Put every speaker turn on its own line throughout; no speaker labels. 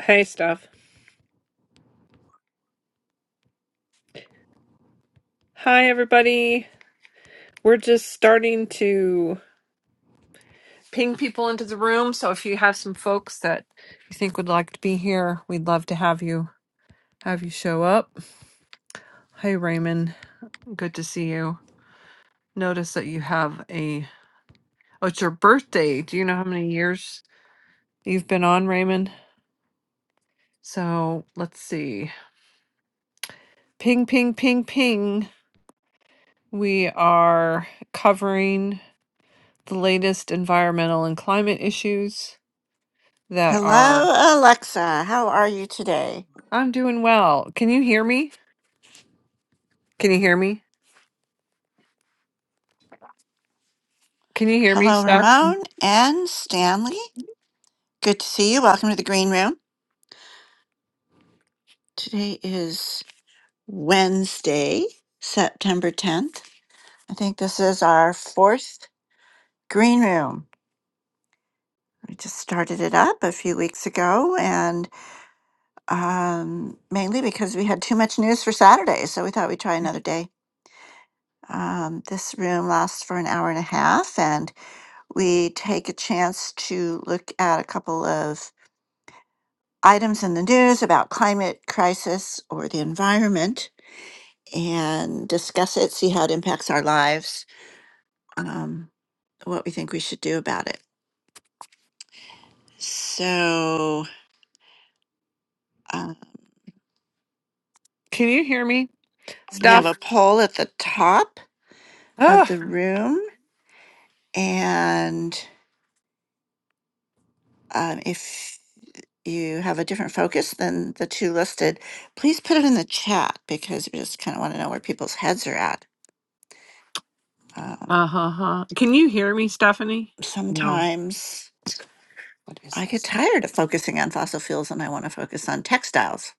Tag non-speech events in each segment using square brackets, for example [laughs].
Hey, Steph. Hi, everybody. We're just starting to ping people into the room. So if you have some folks that you think would like to be here, we'd love to have you have you show up. Hey, Raymond. Good to see you. Notice that you have a oh, it's your birthday. Do you know how many years you've been on, Raymond? So let's see. Ping, ping, ping, ping. We are covering the latest environmental and climate issues that are.
Hello, Alexa. How are you today?
I'm doing well. Can you hear me? Can you hear me? Can you hear me,
Hello,
Steph?
Ramon and Stanley. Good to see you. Welcome to the Green Room. Today is Wednesday, September 10th. I think this is our fourth Green Room. We just started it up a few weeks ago, and um, mainly because we had too much news for Saturday, so we thought we'd try another day. Um, this room lasts for an hour and a half, and we take a chance to look at a couple of items in the news about climate crisis or the environment and discuss it, see how it impacts our lives, um, what we think we should do about it. So uh,
Can you hear me,
we have a
Steph?
poll at the top of
Ugh.
the room, and um, if you have a different focus than the two listed, please put it in the chat because we just kind of want to know where people's heads are at. Um,
Uh huh. huh. Can you hear me, Stephanie? No.
sometimes
What is
I get
this?
tired of focusing on fossil fuels and I want to focus on textiles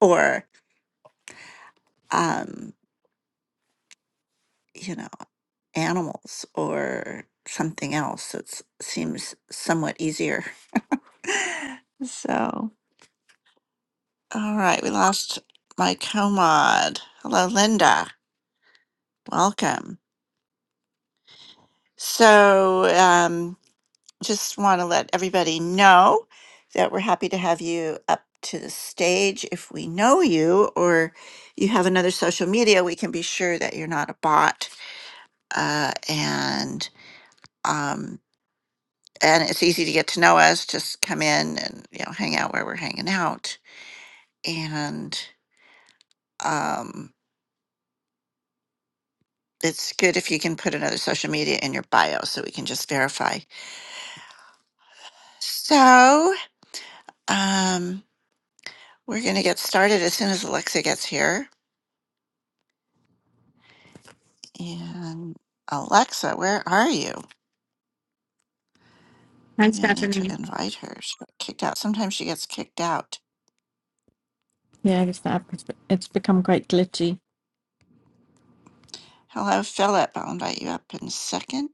or, um, you know, animals or something else that seems somewhat easier. [laughs] so, all right, we lost my co Hello, Linda. Welcome. So, um, just want to let everybody know that we're happy to have you up to the stage. If we know you or you have another social media, we can be sure that you're not a bot. Uh, and um, and it's easy to get to know us. Just come in and you know hang out where we're hanging out. And um, it's good if you can put another social media in your bio so we can just verify. So um, we're gonna get started as soon as Alexa gets here. And Alexa, where are you?
Thanks,
Maybe I need to
Stephanie.
invite her. She got kicked out. Sometimes she gets kicked out.
Yeah, it's, that, it's it's become quite glitchy.
Hello, Philip. I'll invite you up in a second.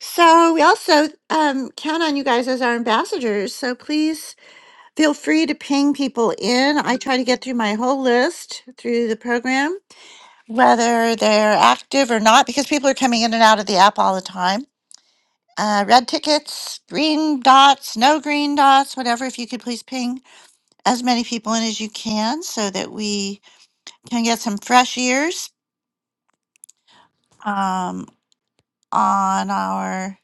So we also um, count on you guys as our ambassadors. So please feel free to ping people in. I try to get through my whole list through the program, whether they're active or not, because people are coming in and out of the app all the time. Uh, red tickets, green dots, no green dots, whatever. If you could please ping as many people in as you can so that we can get some fresh ears um, on our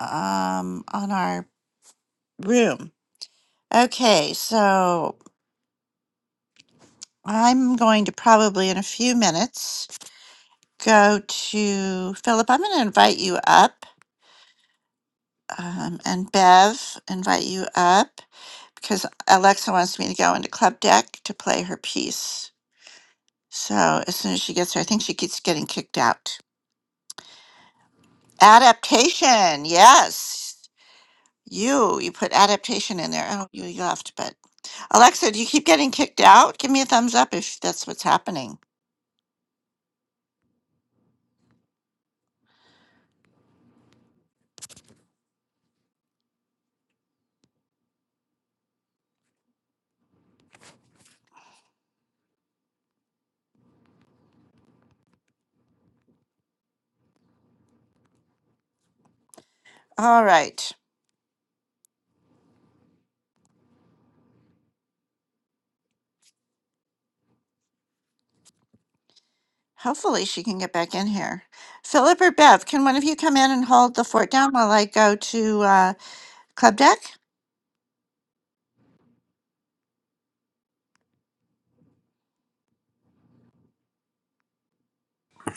um, on our room. Okay, so I'm going to probably in a few minutes go to Philip. I'm going to invite you up um, and Bev invite you up because Alexa wants me to go into Club Deck to play her piece. So as soon as she gets her, I think she keeps getting kicked out. Adaptation, yes. You, you put adaptation in there. Oh, you left, but Alexa, do you keep getting kicked out? Give me a thumbs up if that's what's happening. All right. Hopefully she can get back in here. Philip or Bev, can one of you come in and hold the fort down while I go to uh, Club Deck?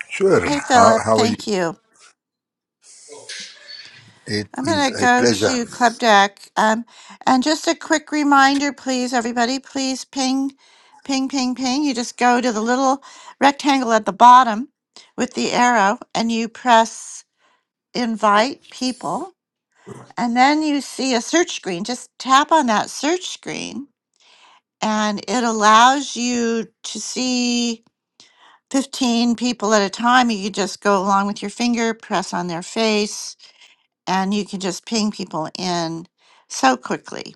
Sure.
Hey,
How,
Philip,
how are you?
thank you.
It
I'm going
is
to
a
go
pleasure.
to Club Deck. Um, and just a quick reminder, please, everybody, please ping, ping, ping, ping. You just go to the little rectangle at the bottom with the arrow and you press invite people. And then you see a search screen. Just tap on that search screen and it allows you to see 15 people at a time. You just go along with your finger, press on their face and you can just ping people in so quickly.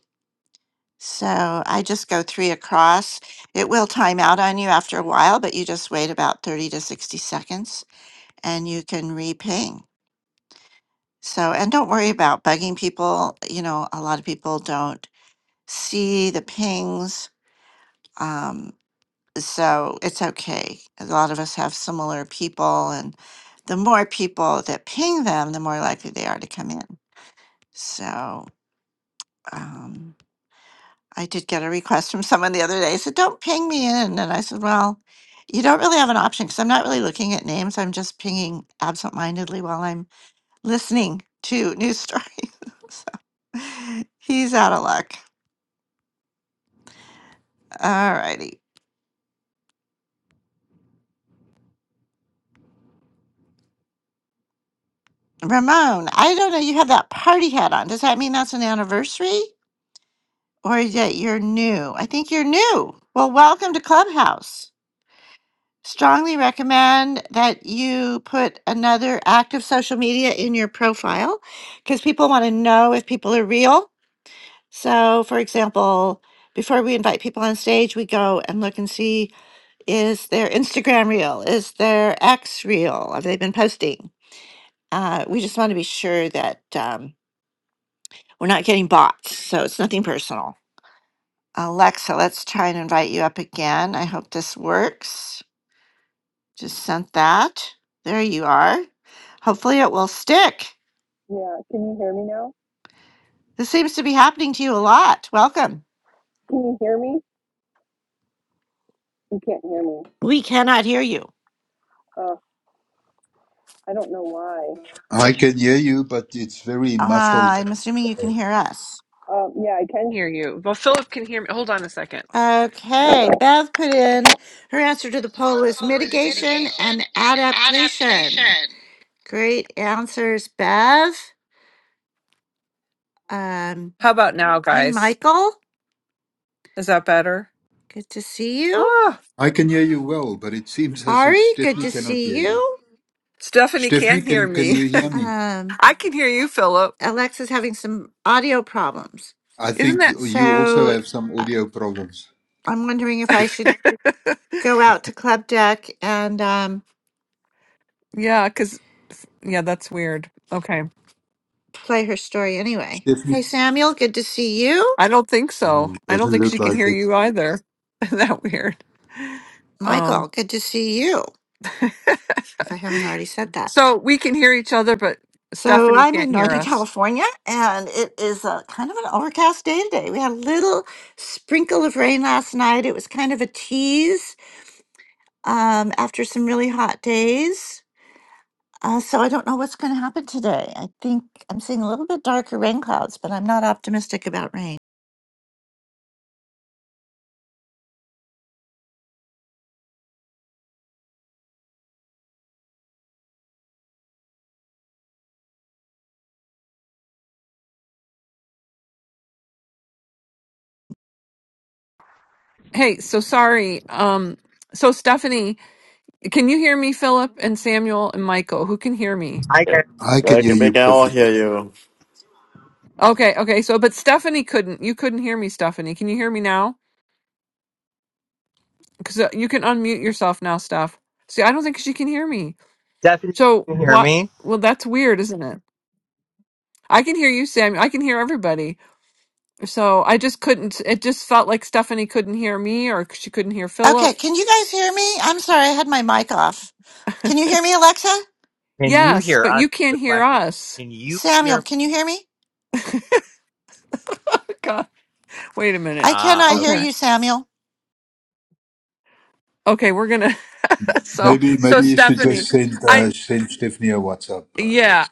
So I just go three across. It will time out on you after a while, but you just wait about 30 to 60 seconds and you can re-ping. So, and don't worry about bugging people. You know, a lot of people don't see the pings. Um, so it's okay. A lot of us have similar people, and the more people that ping them, the more likely they are to come in. So, um, I did get a request from someone the other day. said, "Don't ping me in," and I said, "Well, you don't really have an option because I'm not really looking at names. I'm just pinging absentmindedly while I'm listening to news stories." [laughs] so [laughs] he's out of luck. All righty, Ramon. I don't know. You have that party hat on. Does that mean that's an anniversary, or that you're new? I think you're new. Well, welcome to Clubhouse. strongly recommend that you put another active social media in your profile because people want to know if people are real. So, for example, before we invite people on stage, we go and look and see is their Instagram real? Is their X real? Have they been posting? Uh, we just want to be sure that um, we're not getting bots. So, it's nothing personal. Alexa, let's try and invite you up again. I hope this works. Just sent that. There you are. Hopefully it will stick.
Yeah, can you hear me now?
This seems to be happening to you a lot. Welcome.
Can you hear me? You can't hear me.
We cannot hear you.
Uh, I don't know why.
I can hear you, but it's very
Uh,
muffled.
I'm assuming you can hear us.
Um, yeah, I can hear you. Well, Philip can hear me. Hold on a second.
Okay. Beth put in her answer to the poll was
Well, it was
mitigation
mitigation
and
and
adaptation.
adaptation.
Great answers, Bev. Um,
How about now,
hey,
guys?
Michael.
Is that better?
Good to see you.
Ah,
I can hear you well, but it seems as if
Ari, good
Stephanie
to
cannot
see
hear you.
you.
Stephanie
Stephanie,
can hear
can, can
me.
you hear me?
Um,
I can hear you, Philip.
Alexa's having some audio problems.
I
Isn't
think
that?
you you also
So
have some audio problems.
I'm wondering if I
Okay,
should go out to Club Deck and um,
[laughs] yeah, because, yeah, that's weird. Okay.
play her story anyway. Hey,
Stephanie?
Samuel, good to see you.
I don't think so.
Mm,
I don't
Doesn't
think
look
she can
like
hear
it.
you either. [laughs] Isn't that weird?
Michael,
Um,
good to see you,
[laughs]
if I haven't already said that.
so we can hear each other, but
So
Stephanie
I'm
can't
in
hear
Northern [laughs]
us.
California, and it is a kind of an overcast day today. We had a little sprinkle of rain last night. It was kind of a tease um, after some really hot days. Uh, so I don't know what's going to happen today. I think I'm seeing a little bit darker rain clouds, but I'm not optimistic about rain.
Hey, so sorry. Um, so Stephanie, can you hear me, Philip and Samuel and Michael? Who can hear me?
I can
I can
They
hear
can, they
you
can all
perfectly.
hear you.
Okay, okay. So, but Stephanie couldn't. You couldn't hear me, Stephanie. Can you hear me now? because you can unmute yourself now, Steph. See, I don't think she can hear me.
definitely
So
hear
what?
me.
Well, that's weird, isn't it? I can hear you, Sam. I can hear everybody. So I just couldn't. It just felt like Stephanie couldn't hear me, or she couldn't hear Philip.
Okay, can you guys hear me? I'm sorry, I had my mic off.
[laughs]
Can you hear me, Alexa?
Can you
yes,
hear
but
us?
you
is The
can't hear
question.
us.
Can you hear?
Samuel,
Me?
can you hear me?
[laughs] Oh, God, wait a minute.
I
Ah,
cannot hear
Okay.
okay.
you, Samuel.
Okay, we're gonna. [laughs] So,
Maybe
so
maybe you should just
Stephanie,
send
I
uh, send Stephanie a WhatsApp, uh,
Yeah.
Alex.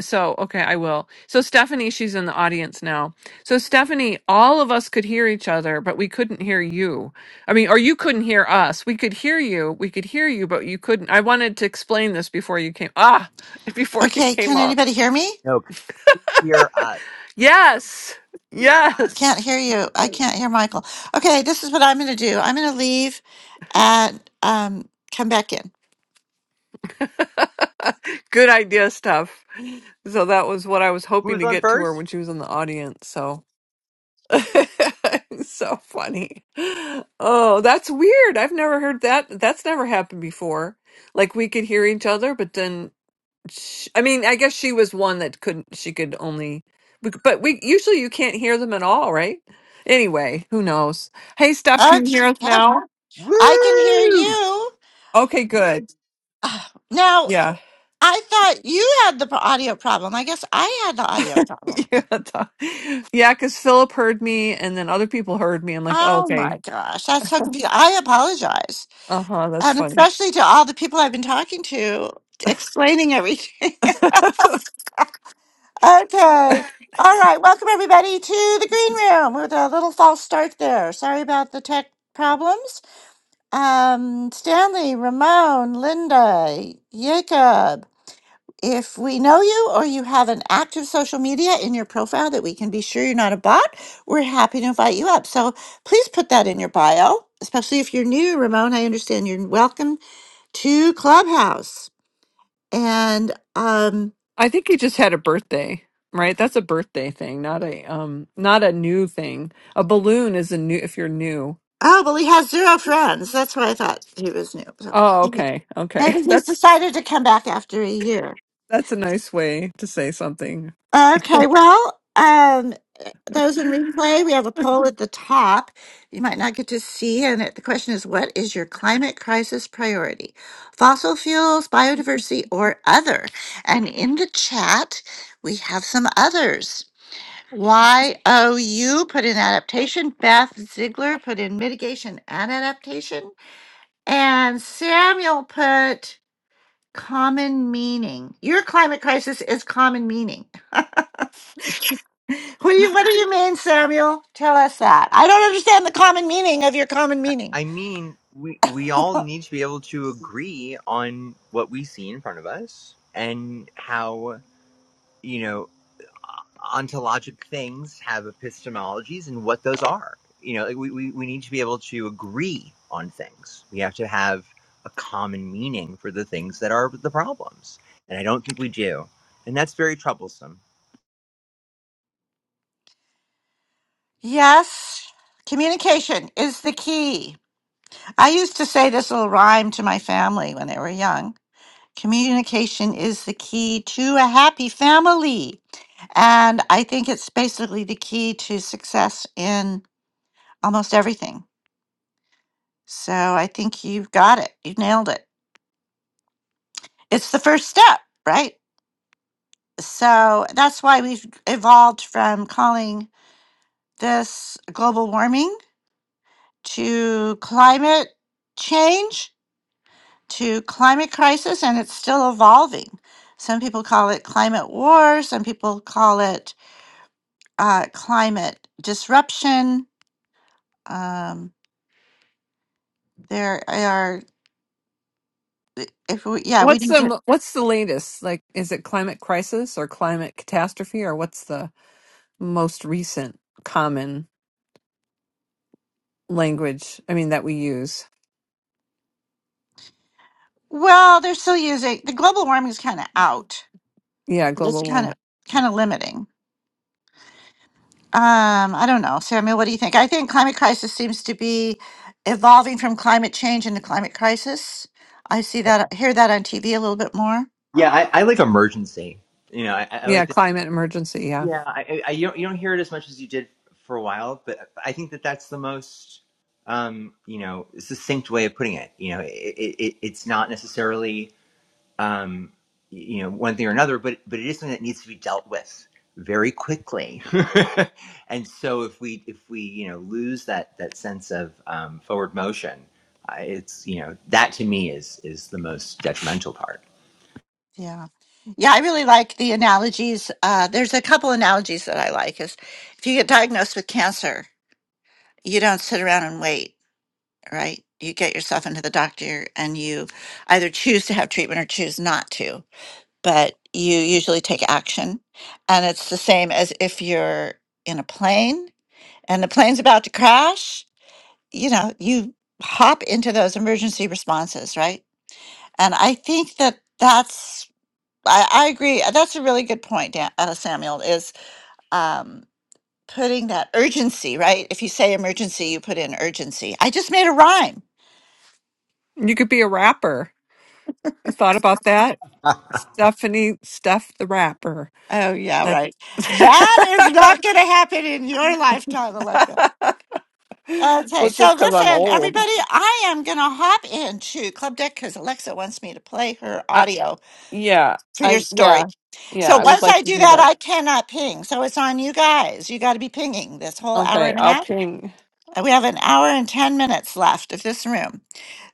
So, okay, I will. So, Stephanie, she's in the audience now. So, Stephanie, all of us could hear each other, but we couldn't hear you. I mean, or you couldn't hear us. We could hear you. We could hear you, but you couldn't. I wanted to explain this before you came. Ah, [laughs] before you
Okay,
came
can
up.
anybody hear me?
No, can you hear
[laughs]
us?
Yes.
Can't
Yes.
hear you. I can't hear Michael. Okay, this is what I'm going to do. I'm going to leave and um, come back in.
Good idea, Steph. So, that was what I was hoping
Who's
to
on
get to her
first?
when she was in the audience. So. [laughs] so funny. Oh, that's weird. I've never heard that. That's never happened before. Like we could hear each other, but then sh I mean, I guess she was one that couldn't, she could only, we- but we usually you can't hear them at all, right? Anyway, who knows? Hey, Steph, can you
Okay,
hear us
yeah,
now?
Woo!
I can hear you.
Okay, good.
Now,
Yeah. [laughs]
I thought you had the audio problem. I guess I had the audio problem.
Yeah, th- yeah, because Philip heard me and then other people heard me. I'm like, oh,
Oh
okay.
my gosh, that's so confusing. I apologize.
Uh-huh, that's
and
funny.
especially to all the people I've been talking to, explaining everything. [laughs]
[laughs]
okay. All right. Welcome, everybody, to the green room with a little false start there. Sorry about the tech problems. Um, Stanley, Ramon, Linda, Jacob, if we know you or you have an active social media in your profile that we can be sure you're not a bot, we're happy to invite you up. So please put that in your bio, especially if you're new. Ramon, I understand you're welcome to Clubhouse. and um
I think he just had a birthday, right? That's a birthday thing, not a um not a new thing. A balloon is a new if you're new.
oh well he has zero friends that's why i thought he was new so
Oh,
maybe
okay. Okay.
maybe
[laughs]
he's
That's
decided to come back after a year
that's a nice way to say something.
okay well um those in replay we have a poll at the top you might not get to see and it, the question is what is your climate crisis priority fossil fuels biodiversity or other and in the chat we have some others Y O U put in adaptation. Beth Ziegler put in mitigation and adaptation. And Samuel put common meaning. Your climate crisis is common meaning. [laughs] what, do you, what do you mean, Samuel? Tell us that. I don't understand the common meaning of your common
I,
meaning.
I mean, we we all need to be able to agree on what we see in front of us and how you know. ontologic things have epistemologies and what those are. You know, like we, we, we need to be able to agree on things. We have to have a common meaning for the things that are the problems. And I don't think we do. And that's very troublesome.
Yes, communication is the key. I used to say this little rhyme to my family when they were young Communication is the key to a happy family. And I think it's basically the key to success in almost everything. So I think you've got it. You've nailed it. It's the first step, right? So that's why we've evolved from calling this global warming to climate change to climate crisis, and it's still evolving. Some people call it climate war, some people call it uh, climate disruption. Um, there are, if we, yeah, we
What's
need to.
the what's the latest? Like is it climate crisis or climate catastrophe or what's the most recent common language I mean that we use?
Well, they're still using the global warming is kind of out.
Yeah,
It's
global
kind of
warm.
kind of limiting. Um, I don't know, Samuel. What do you think? I think climate crisis seems to be evolving from climate change into climate crisis. I see that, hear that on TV a little bit more.
Yeah, I, I like emergency. You know, I, I like
Yeah,
the.
climate emergency, yeah.
Yeah, I, I, you, don't, you don't hear it as much as you did for a while, but I think that that's the most, um, you know, succinct way of putting it. You know, it, it- it's not necessarily um, you know, one thing or another, but but it is something that needs to be dealt with very quickly. [laughs] and so if we if we you know lose that that sense of um, forward motion, I- it's you know that to me is is the most detrimental part.
Yeah, yeah. I really like the analogies. Uh, there's a couple analogies that I like. Is if you get diagnosed with cancer, you don't sit around and wait right? You get yourself into the doctor and you either choose to have treatment or choose not to, but you usually take action. And it's the same as if you're in a plane and the plane's about to crash, you know, you hop into those emergency responses, right? And I think that that's, I, I agree. That's a really good point, Dan, uh, Samuel, is um, putting that urgency, right? If you say emergency, you put in urgency. I just made a rhyme
You could be a rapper. You thought about that? Stephanie Steph the rapper.
Oh, yeah,
That-
right. That is not
[laughs]
going to happen in your lifetime, Alexa.
well,
Okay,
it's
so
just because I'm
listen,
old.
everybody, I am going to hop into Club Deck because Alexa wants me to play her
I,
audio
yeah,
for your
I
story.
yeah, yeah.
So
I would
once
like
I
to
do
do
that,
that.
I cannot ping. So it's on you guys. You got to be pinging this whole hour
Okay,
and a
I'll
half.
ping.
Uh, We have an hour and 10 minutes left of this room.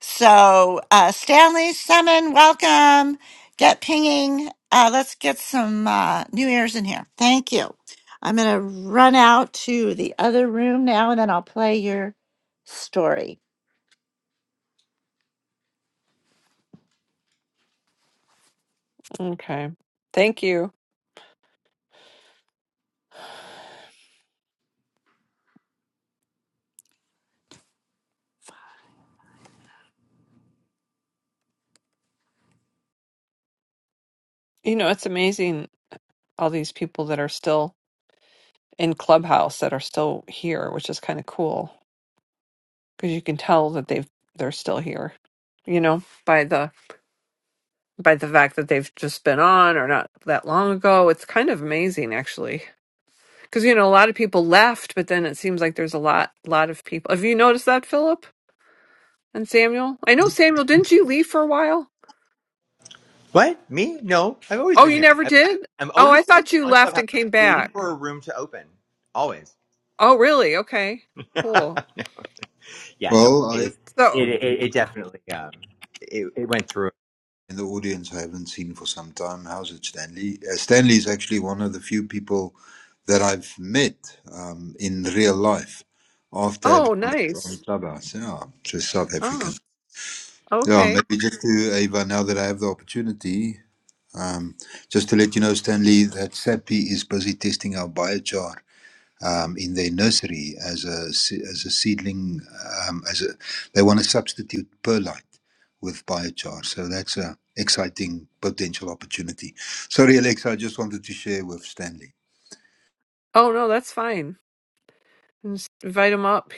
So, uh, Stanley, Summon, welcome. Get pinging. Uh, let's get some uh, new ears in here. Thank you. I'm going to run out to the other room now and then I'll play your story.
Okay, thank you. You know, it's amazing all these people that are still in Clubhouse that are still here, which is kind of cool because you can tell that they've they're still here. You know, by the by the fact that they've just been on or not that long ago, it's kind of amazing actually Because you know, a lot of people left, but then it seems like there's a lot, lot of people. Have you noticed that, Philip and Samuel? I know Samuel. Didn't you leave for a while?
What me? No, I've always
Oh,
been
you
here.
never
I've, I,
did.
I'm
Oh, I
always here
thought you
on
left
Clubhouse,
and came
waiting
back.
for a room to open. Always. [laughs]
Oh, really? Okay, cool.
No. yeah, no,
Well,
it
I
is.
So,
It it, it definitely um, it, it went through.
in the audience I haven't seen for some time. How's it, Stanley? Uh, Stanley is actually one of the few people that I've met um, in real life after having
oh,
met on
nice.
Clubhouse. Yeah, just South
Oh,
African. Yeah,
okay.
maybe just to Ava, now that I have the opportunity, um, just to let you know, Stanley, that SAPI is busy testing our biochar um, in their nursery as a as a seedling. Um, as a, they want to substitute perlite with biochar, so that's a exciting potential opportunity. Sorry, Alexa, I just wanted to share with Stanley.
Oh no, that's fine. Just invite him up.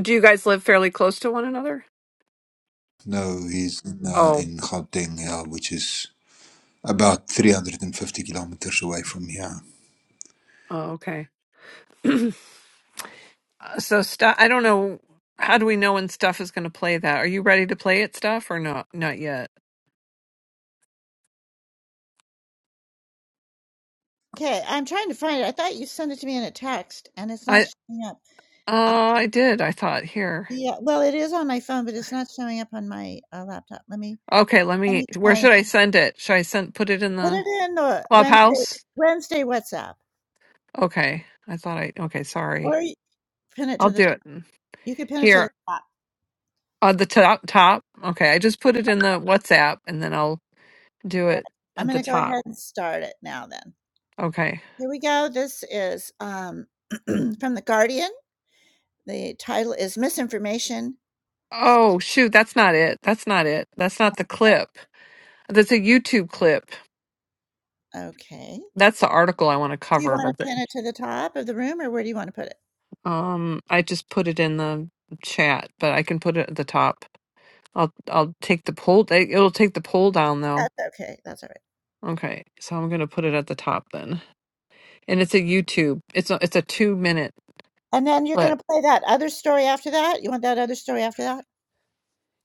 Do you guys live fairly close to one another?
No, he's in, uh,
Oh,
in Gauteng, yeah, which is about 350 kilometers away from here.
oh, okay. [clears throat] Uh, so, stuff. I don't know. How do we know when stuff is going to play that? Are you ready to play it, stuff, or not? Not yet.
Okay, I'm trying to find it. I thought you sent it to me in a text and it's
I.
not showing up.
Uh, I did. I thought here.
Yeah, well, it is on my phone, but it's not showing up on my uh, laptop. Let me
Okay, let
let
me.
me
Where
try and
should I send it? Should I send put it in
put
the
it in the Wednesday
clubhouse?
Wednesday WhatsApp.
Okay, I thought I. Okay, sorry.
Pin it
I'll
to
do
the
it
you can pin it to the
here
top.
on the top. Top. Okay, I just put it in the WhatsApp, and then I'll do
All right.
it
I'm
at the
gonna go
top.
ahead and start it now then.
Okay.
Here we go. This is um, [clears throat] from The Guardian. The title is Misinformation.
Oh shoot, that's not it. That's not it. That's not the clip. That's a YouTube clip.
Okay.
That's the article I want to
Do you
cover.
want
But
to
the-
pin it to the top of the room or where do you want to put it?
um, I just put it in the chat, but I can put it at the top. I'll I'll take the poll. it- It'll take the poll down though.
That's okay. That's all right.
Okay, so I'm gonna put it at the top then. And it's a YouTube. It's a it's a two minute
And then you're
clip.
going to play that other story after that. You want that other story after that?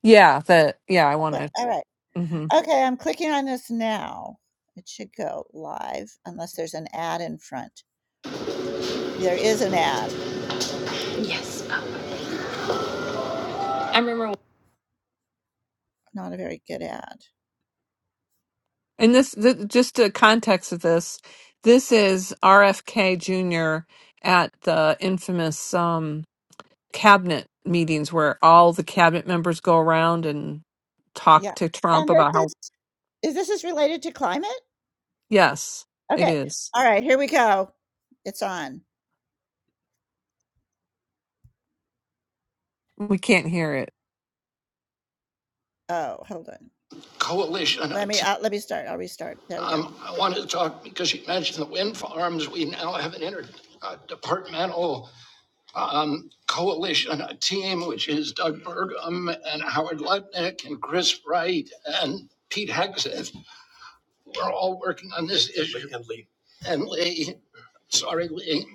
Yeah, that yeah. I want
Okay.
to.
All right.
hmm
Okay. I'm clicking on this now. It should go live unless there's an ad in front. There is an ad. Yes. Oh, I remember not a very good ad.
And this, th- just the context of this, this is RFK Jr. at the infamous um, cabinet meetings where all the cabinet members go around and talk
Yeah.
to Trump
And this
about how
is, is this is related to climate?
yes, it
Okay.
is.
All right, here we go. It's on.
We can't hear it.
Oh, hold on. Coalition. Let me uh, let me start. I'll restart. There we go. Um, I wanted to talk because you mentioned the wind farms. We now have an interdepartmental um, coalition, a team which is Doug Burgum and Howard Lutnick and Chris Wright and Pete Hegseth. We're all working on this issue. And Lee. And Lee. Sorry, Lee.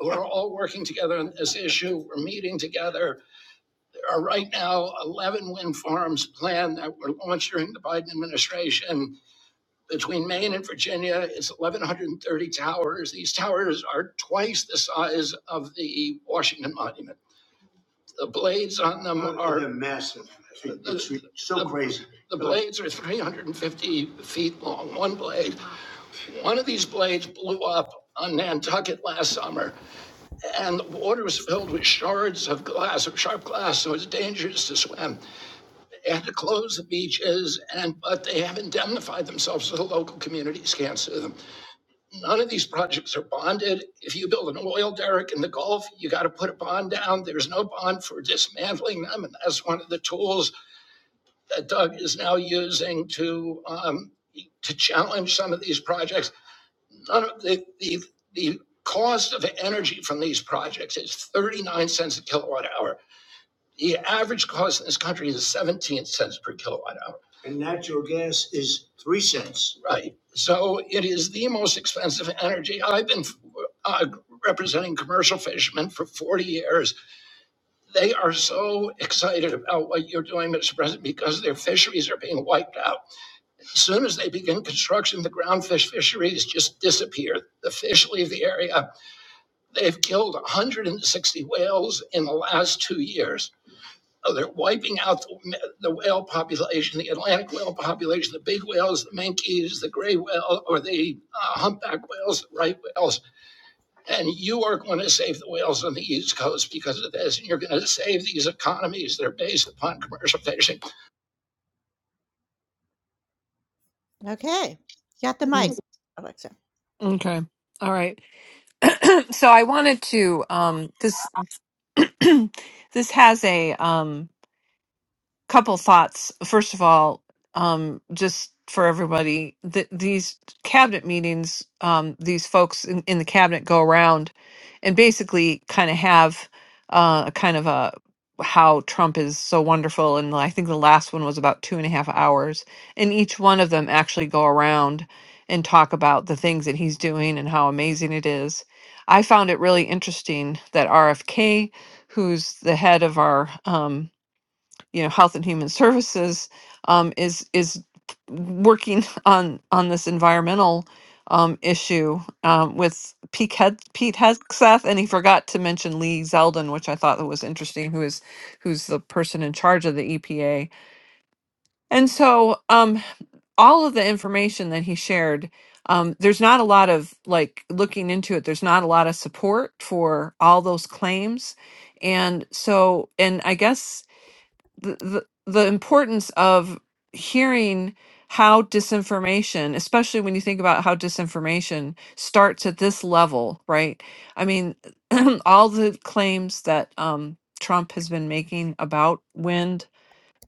We're all working together on this issue. We're meeting together. There are right now 11 wind farms planned that were launched during the Biden administration. Between Maine and Virginia, it's 1,130 towers. These towers are twice the size of the Washington Monument. The blades on them Oh, are. They're massive. It's the, so the- crazy. The blades are 350 feet long, one blade. One of these blades blew up on Nantucket last summer, and the water was filled with shards of glass, of sharp glass, so it's dangerous to swim. They had to close the beaches, and but they have indemnified themselves so the local communities can't sue them. None of these projects are bonded. If you build an oil derrick in the Gulf, you got to put a bond down. There's no bond for dismantling them, and that's one of the tools that Doug is now using to um, to challenge some of these projects. None of the the, the cost of energy from these projects is 39 cents a kilowatt hour the average cost in this country is 17 cents per kilowatt hour. And natural gas is 3 cents. Right. So it is the most expensive energy. I've been uh, representing commercial fishermen for 40 years. They are so excited about what you're doing, Mr. President, because their fisheries are being wiped out. As soon as they begin construction, the groundfish fisheries just disappear. The fish leave the area. They've killed 160 whales in the last two years. No, they're wiping out the, the whale population, the Atlantic whale population, the big whales, the minkies, the gray whale, or the uh, humpback whales, the right whales. And you are going to save the whales on the East Coast because of this. And you're going to save these economies that are based upon commercial fishing. Okay. You got the mic,
Mm.
Alexa.
Okay. All right. [clears throat] so I wanted to um this [clears throat] this has a um couple thoughts. First of all, um, just for everybody, th- these cabinet meetings, um, these folks in, in the cabinet go around and basically kind of have uh, a kind of a how Trump is so wonderful. And I think the last one was about two and a half hours. And each one of them actually go around and talk about the things that he's doing and how amazing it is. I found it really interesting that RFK, who's the head of our um, you know health and human services um, is is working [laughs] on on this environmental um, issue um, with Pete, Hed- Pete Hegseth, and he forgot to mention Lee Zeldin, which I thought that was interesting, who is who's the person in charge of the EPA. And so, um, all of the information that he shared, um, there's not a lot of like looking into it. There's not a lot of support for all those claims, and so, and I guess the, the the importance of hearing how disinformation, especially when you think about how disinformation starts at this level, right? I mean, [clears throat] all the claims that um, Trump has been making about wind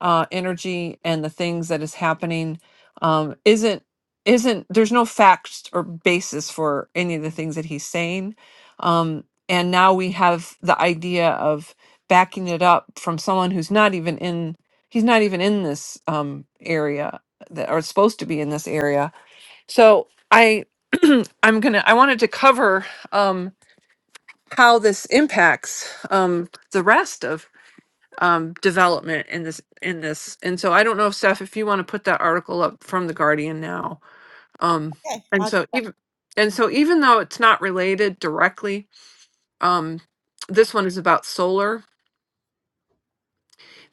uh, energy and the things that is happening um, isn't isn't there's no facts or basis for any of the things that he's saying um, and now we have the idea of backing it up from someone who's not even in he's not even in this um, area that are supposed to be in this area so i [clears throat] i'm gonna i wanted to cover um, how this impacts um, the rest of um, development in this in this. And so I don't know, Steph, if you want to put that article up from the Guardian now. Um,
Okay.
and
I'll, get-
so even and so even though it's not related directly, um, this one is about solar.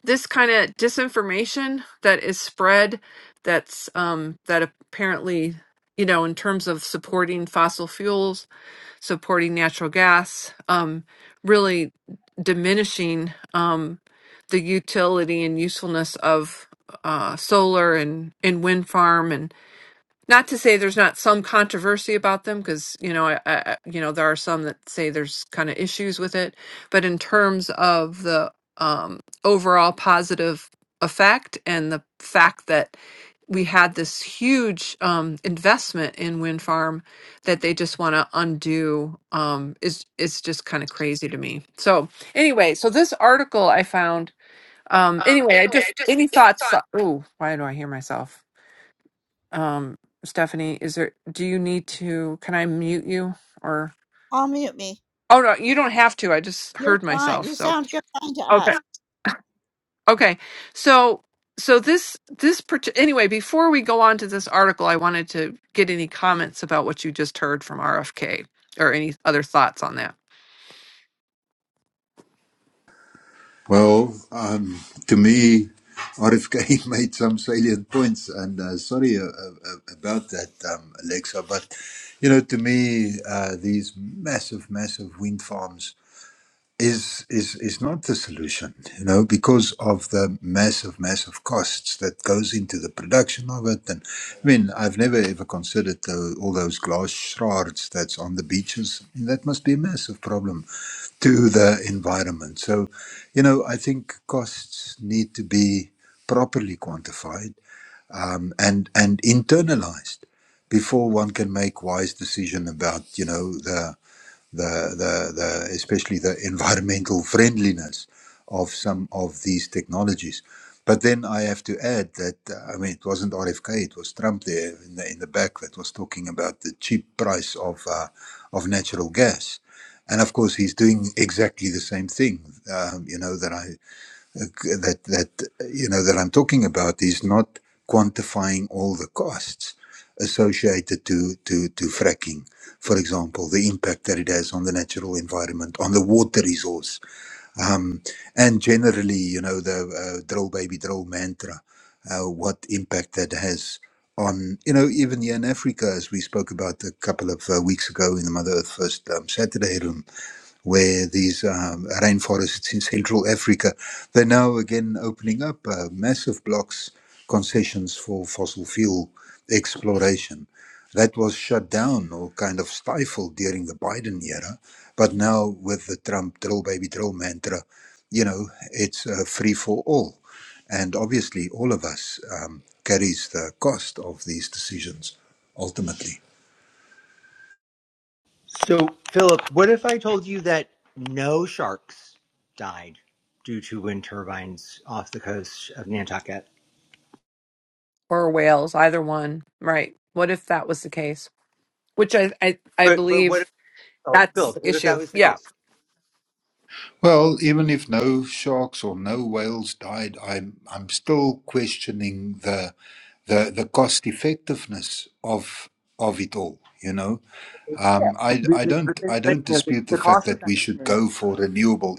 This kind of disinformation that is spread, that's um, that apparently, you know, in terms of supporting fossil fuels supporting natural gas, um, really diminishing um, the utility and usefulness of uh, solar and, and wind farm. And not to say there's not some controversy about them, because you know, I, I, you know, there are some that say there's kind of issues with it. But in terms of the um, overall positive effect and the fact that we had this huge um, investment in wind farm that they just want to undo um, is is just kind of crazy to me. So anyway, so this article I found. Um,
Um,
anyway, I
anyway, I
just
just,
any
any
thoughts?
thoughts?
Oh, why do I hear myself? Um, Stephanie, is there? Do you need to? Can I mute you? Or
I'll mute me.
oh no, you don't have to. I just
You're
heard
fine.
myself.
You
So
sound good fine to us.
Okay. So so this this part- anyway, before we go on to this article, I wanted to get any comments about what you just heard from RFK or any other thoughts on that.
Well, um, to me, RFK [laughs] made some salient points, and uh, sorry uh, uh, about that, um, Alexa. But you know, to me, uh, these massive, massive wind farms is is is not the solution you know because of the massive massive costs that goes into the production of it and i mean i've never ever considered the, all those glass shards that's on the beaches I mean, that must be a massive problem to the environment so you know i think costs need to be properly quantified um, and and internalized before one can make wise decision about you know the the, the, the especially the environmental friendliness of some of these technologies. But then I have to add that uh, I mean it wasn't RFK, it was Trump there in the in the back that was talking about the cheap price of uh, of natural gas, and of course he's doing exactly the same thing. Um, you know that I that that you know that I'm talking about is not quantifying all the costs associated to to to fracking, for example, the impact that it has on the natural environment, on the water resource, um, and generally, you know, the uh, drill baby drill mantra, uh, what impact that has. On you know even here in Africa, as we spoke about a couple of uh, weeks ago in the Mother Earth First um, Saturday room, where these um, rainforests in Central Africa, they're now again opening up uh, massive blocks, concessions for fossil fuel exploration. That was shut down or kind of stifled during the Biden era, but now with the Trump drill baby drill mantra, you know, it's uh, free for all. And obviously, all of us um, carries the cost of these decisions ultimately.
So, Philip, what if I told you that no sharks died due to wind turbines off the coast of Nantucket?
Or whales, either one. Right. What if that was the case? Which I I, I
But but what if
believe
oh,
that's
Philip?
the
What if that
issue.
was the
Yeah.
case?
Well, even if no sharks or no whales died, I'm I'm still questioning the the the cost effectiveness of of it all. You know,
Yeah,
um, I
but,
I
but, but
don't
then,
I
but,
don't
you know, the,
dispute the
the
fact
cost
that we should
effectiveness.
go for renewable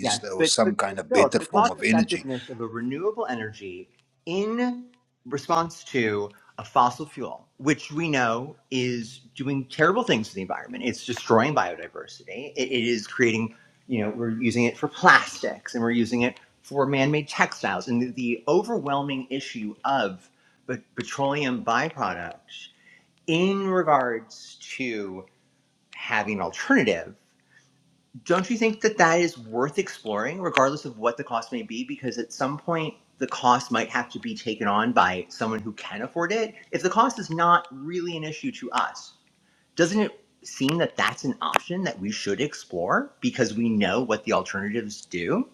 Yes,
or
but, but
some
but
kind of
still, it's
better
the
form
cost
of energy.
effectiveness of a renewable energy in response to a fossil fuel, which we know is doing terrible things to the environment. It's destroying biodiversity. It, it is creating, you know, we're using it for plastics and we're using it for man-made textiles. And the, the overwhelming issue of but petroleum byproducts in regards to having an alternative don't you think that that is worth exploring regardless of what the cost may be because at some point the cost might have to be taken on by someone who can afford it if the cost is not really an issue to us doesn't it seem that that's an option that we should explore because we know what the alternatives do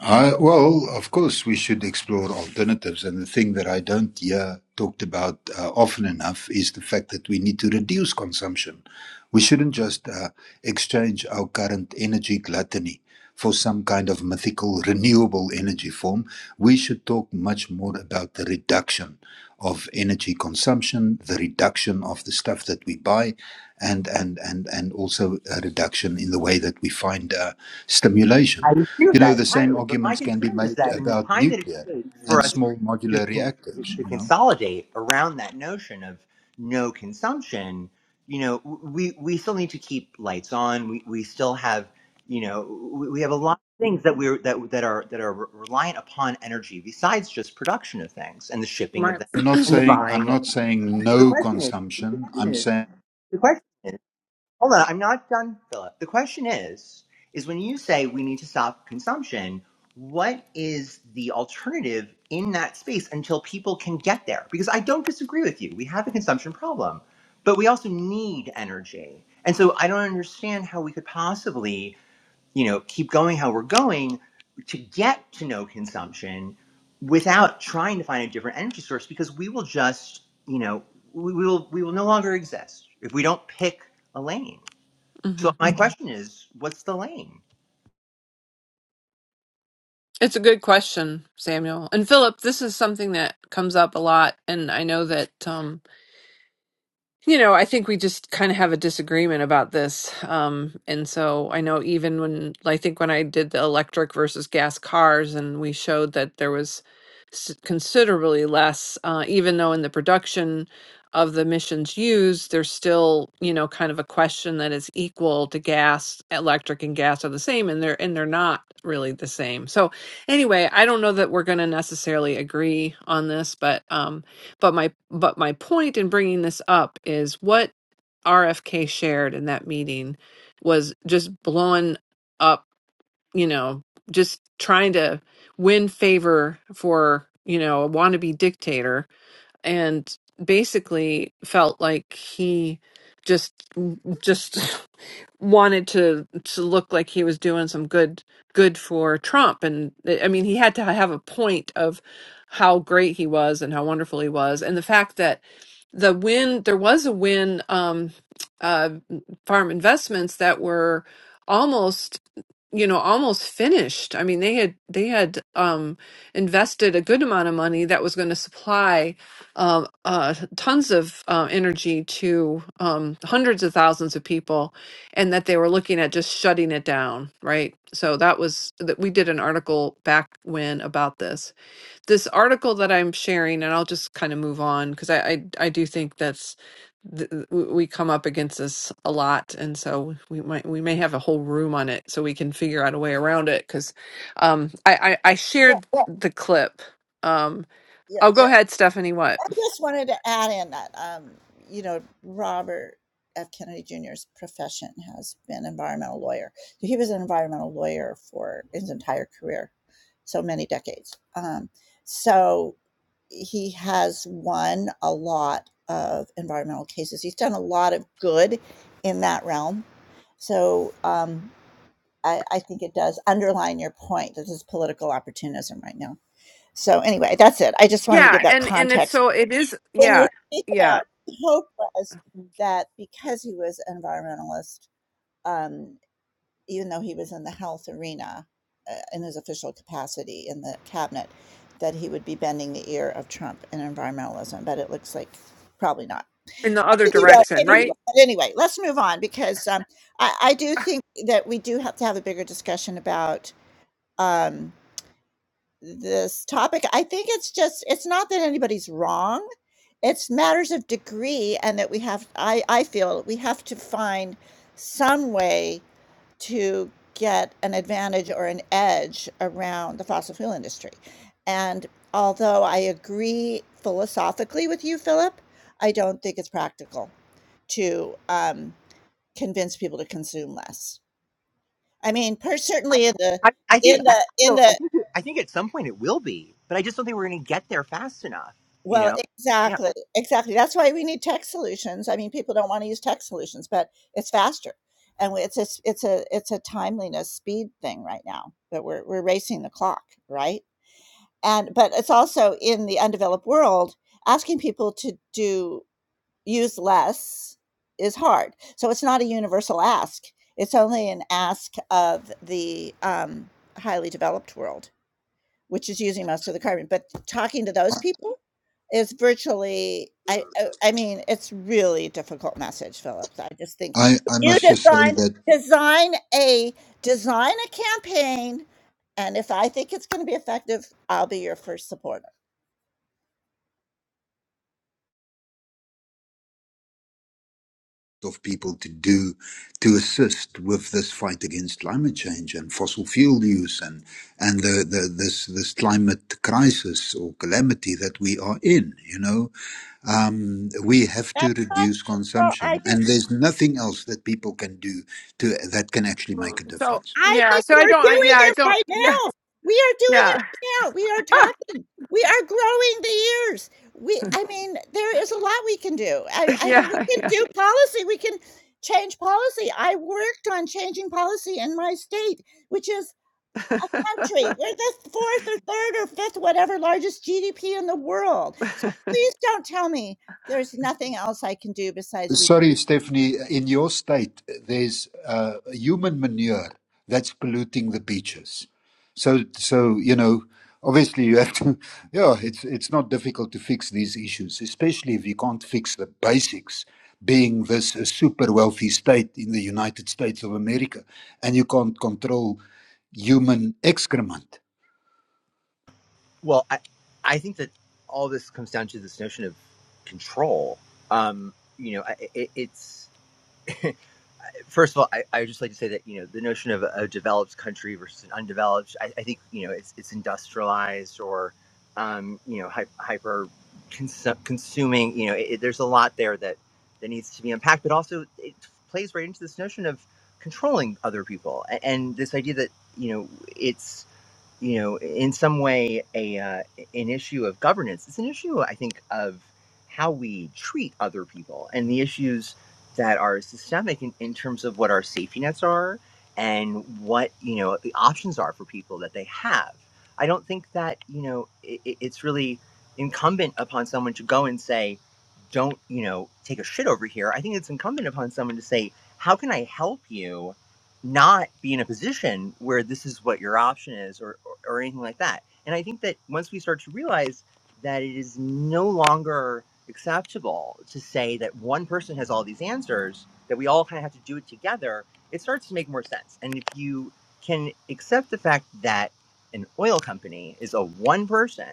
Uh, well, of course, we should explore alternatives. And the thing that I don't hear talked about uh, often enough is the fact that we need to reduce consumption. We shouldn't just uh, exchange our current energy gluttony for some kind of mythical renewable energy form. We should talk much more about the reduction of energy consumption, the reduction of the stuff that we buy, and and and and also a reduction in the way that we find uh, stimulation
i agree with
you know,
that
the same
entirely but my
arguments can be
concern is
made
that in the
about
time that it
nuclear
takes for
and
us
small
to,
modular
con-
reactors,
to
you know.
consolidate around that notion of no consumption you know w- we we still need to keep lights on we, we still have you know we, we have a lot of things that we're that that are that are re- reliant upon energy besides just production of things and the shipping of
Right.
them
I'm not
and the
saying I'm
buying of
not
them.
saying
And so the
no
question is the
consumption. I'm
question is
saying
the question is Hold on, I'm not done, Philip. The question is, is when you say we need to stop consumption, what is the alternative in that space until people can get there? Because I don't disagree with you. We have a consumption problem, but we also need energy. And so I don't understand how we could possibly, you know, keep going how we're going to get to no consumption without trying to find a different energy source because we will just, you know, we, we will we will no longer exist if we don't pick a lane.
hmm
So my question is, what's the lane?
It's a good question, Samuel. And Philip, this is something that comes up a lot. And I know that. um, You know, I think we just kind of have a disagreement about this. Um, and so I know even when I think when I did the electric versus gas cars, and we showed that there was s- considerably less, uh, even though in the production of the emissions used, there's still, you know, kind of a question that is equal to gas, electric and gas are the same, and they're and they're not really the same. So anyway, I don't know that we're going to necessarily agree on this, but um, but my but my point in bringing this up is what RFK shared in that meeting was just blowing up, you know, just trying to win favor for, you know, a wannabe dictator and basically felt like he just just [laughs] wanted to to look like he was doing some good good for Trump and eh, I mean he had to have a point of how great he was and how wonderful he was and the fact that the win there was a win um uh farm investments that were almost you know almost finished i mean they had they had um invested a good amount of money that was going to supply um uh tons of uh, energy to um hundreds of thousands of people and that they were looking at just shutting it down, right? So that was that we did an article back when about this. This article that I'm sharing, and I'll just kind of move on because I, I I do think that's th- th- w- we come up against this a lot, and so we might we may have a whole room on it so we can figure out a way around it because um, I, I I
Yeah,
shared the clip. Um,
yeah.
I'll go ahead, Stephanie. What?
I just wanted to add in that, um, you know, Robert F. Kennedy Jr.'s profession has been environmental lawyer. So, He was an environmental lawyer for his entire career, so many decades. Um, so he has won a lot of environmental cases. He's done a lot of good in that realm. So um, I, I think it does underline your point that this is political opportunism right now. So anyway, that's it. I just wanted to
Yeah,
give that
and and it's
context
so it is.
when you
Yeah,
[laughs] think
yeah,
about Hope was that because he was an environmentalist, um, even though he was in the health arena uh, in his official capacity in the cabinet, that he would be bending the ear of Trump in environmentalism, but it looks like probably not.
in the other
Maybe he will,
direction,
maybe he
right?
will. But anyway, let's move on because um, I, I do
[laughs]
think that we do have to have a bigger discussion about. Um, this topic. I think it's just it's not that anybody's wrong. It's matters of degree and that we have I I feel we have to find some way to get an advantage or an edge around the fossil fuel industry. And although I agree philosophically with you, Philip, I don't think it's practical to um, convince people to consume less. I mean, per, certainly in the
I, I think
in
I
the in
so
the
I think I think at some point it will be, but I just don't think we're going to get there fast enough. You
Well,
know? Yeah.
exactly, exactly. That's why we need tech solutions. I mean, people don't want to use tech solutions, but it's faster, and it's a s- it's a it's a timeliness speed thing right now that we're we're racing the clock, right? And but it's also in the undeveloped world, asking people to do use less is hard. So it's not a universal ask. It's only an ask of the um, highly developed world which is using most of the carbon. But talking to those people is virtually, I, I, I mean, it's really difficult message, Phillips. I just think
I, I
you
must just say
design
that
design a design a campaign, and if I think it's going to be effective, I'll be your first supporter.
of people to do to assist with this fight against climate change and fossil fuel use and and the, the this this climate crisis or calamity that we are in you know um, we have
That's
to
not
reduce
well. I
consumption
just.
and there's nothing else that people can do to that can actually make
Mm,
a
So
difference
I
yeah,
think
so I
we're
don't. I,
doing
yeah, I
it
don't.
right
Yeah,
now. We are doing it
yeah,
right now. We are talking. We are growing the ears. We, I mean, there is a lot we can do. I,
[laughs]
I mean, we
yeah,
can
yeah.
do policy. We can change policy. I worked on changing policy in my state, which is a country. We're the fourth or third or fifth, whatever, largest GDP in the world. So please don't tell me there's nothing else I can do besides read.
Sorry, Stephanie, in your state, there's uh, human manure that's polluting the beaches. So, so you know, obviously you have to, [laughs] yeah, it's, it's not difficult to fix these issues, especially if you can't fix the basics, being this a super wealthy state in the United States of America, and you can't control human excrement.
Well, I I think that all this comes down to this notion of control. Um, you know, I- it, it's first of all, I, I just like to say that you know the notion of a, a developed country versus an undeveloped, I, I think you know it's it's industrialized or um, you know hy- hyper consu- consuming. You know, it, it- there's a lot there that that needs to be unpacked, but also it plays right into this notion of controlling other people and, and this idea that you know it's you know in some way a uh, an issue of governance it's an issue i think of how we treat other people and the issues that are systemic in, in terms of what our safety nets are and what you know the options are for people that they have i don't think that you know i i- it's really incumbent upon someone to go and say don't you know take a shit over here i think it's incumbent upon someone to say how can i help you not be in a position where this is what your option is or anything like that. And I think that once we start to realize that it is no longer acceptable to say that one person has all these answers, that we all kind of have to do it together, it starts to make more sense. And if you can accept the fact that an oil company is a one person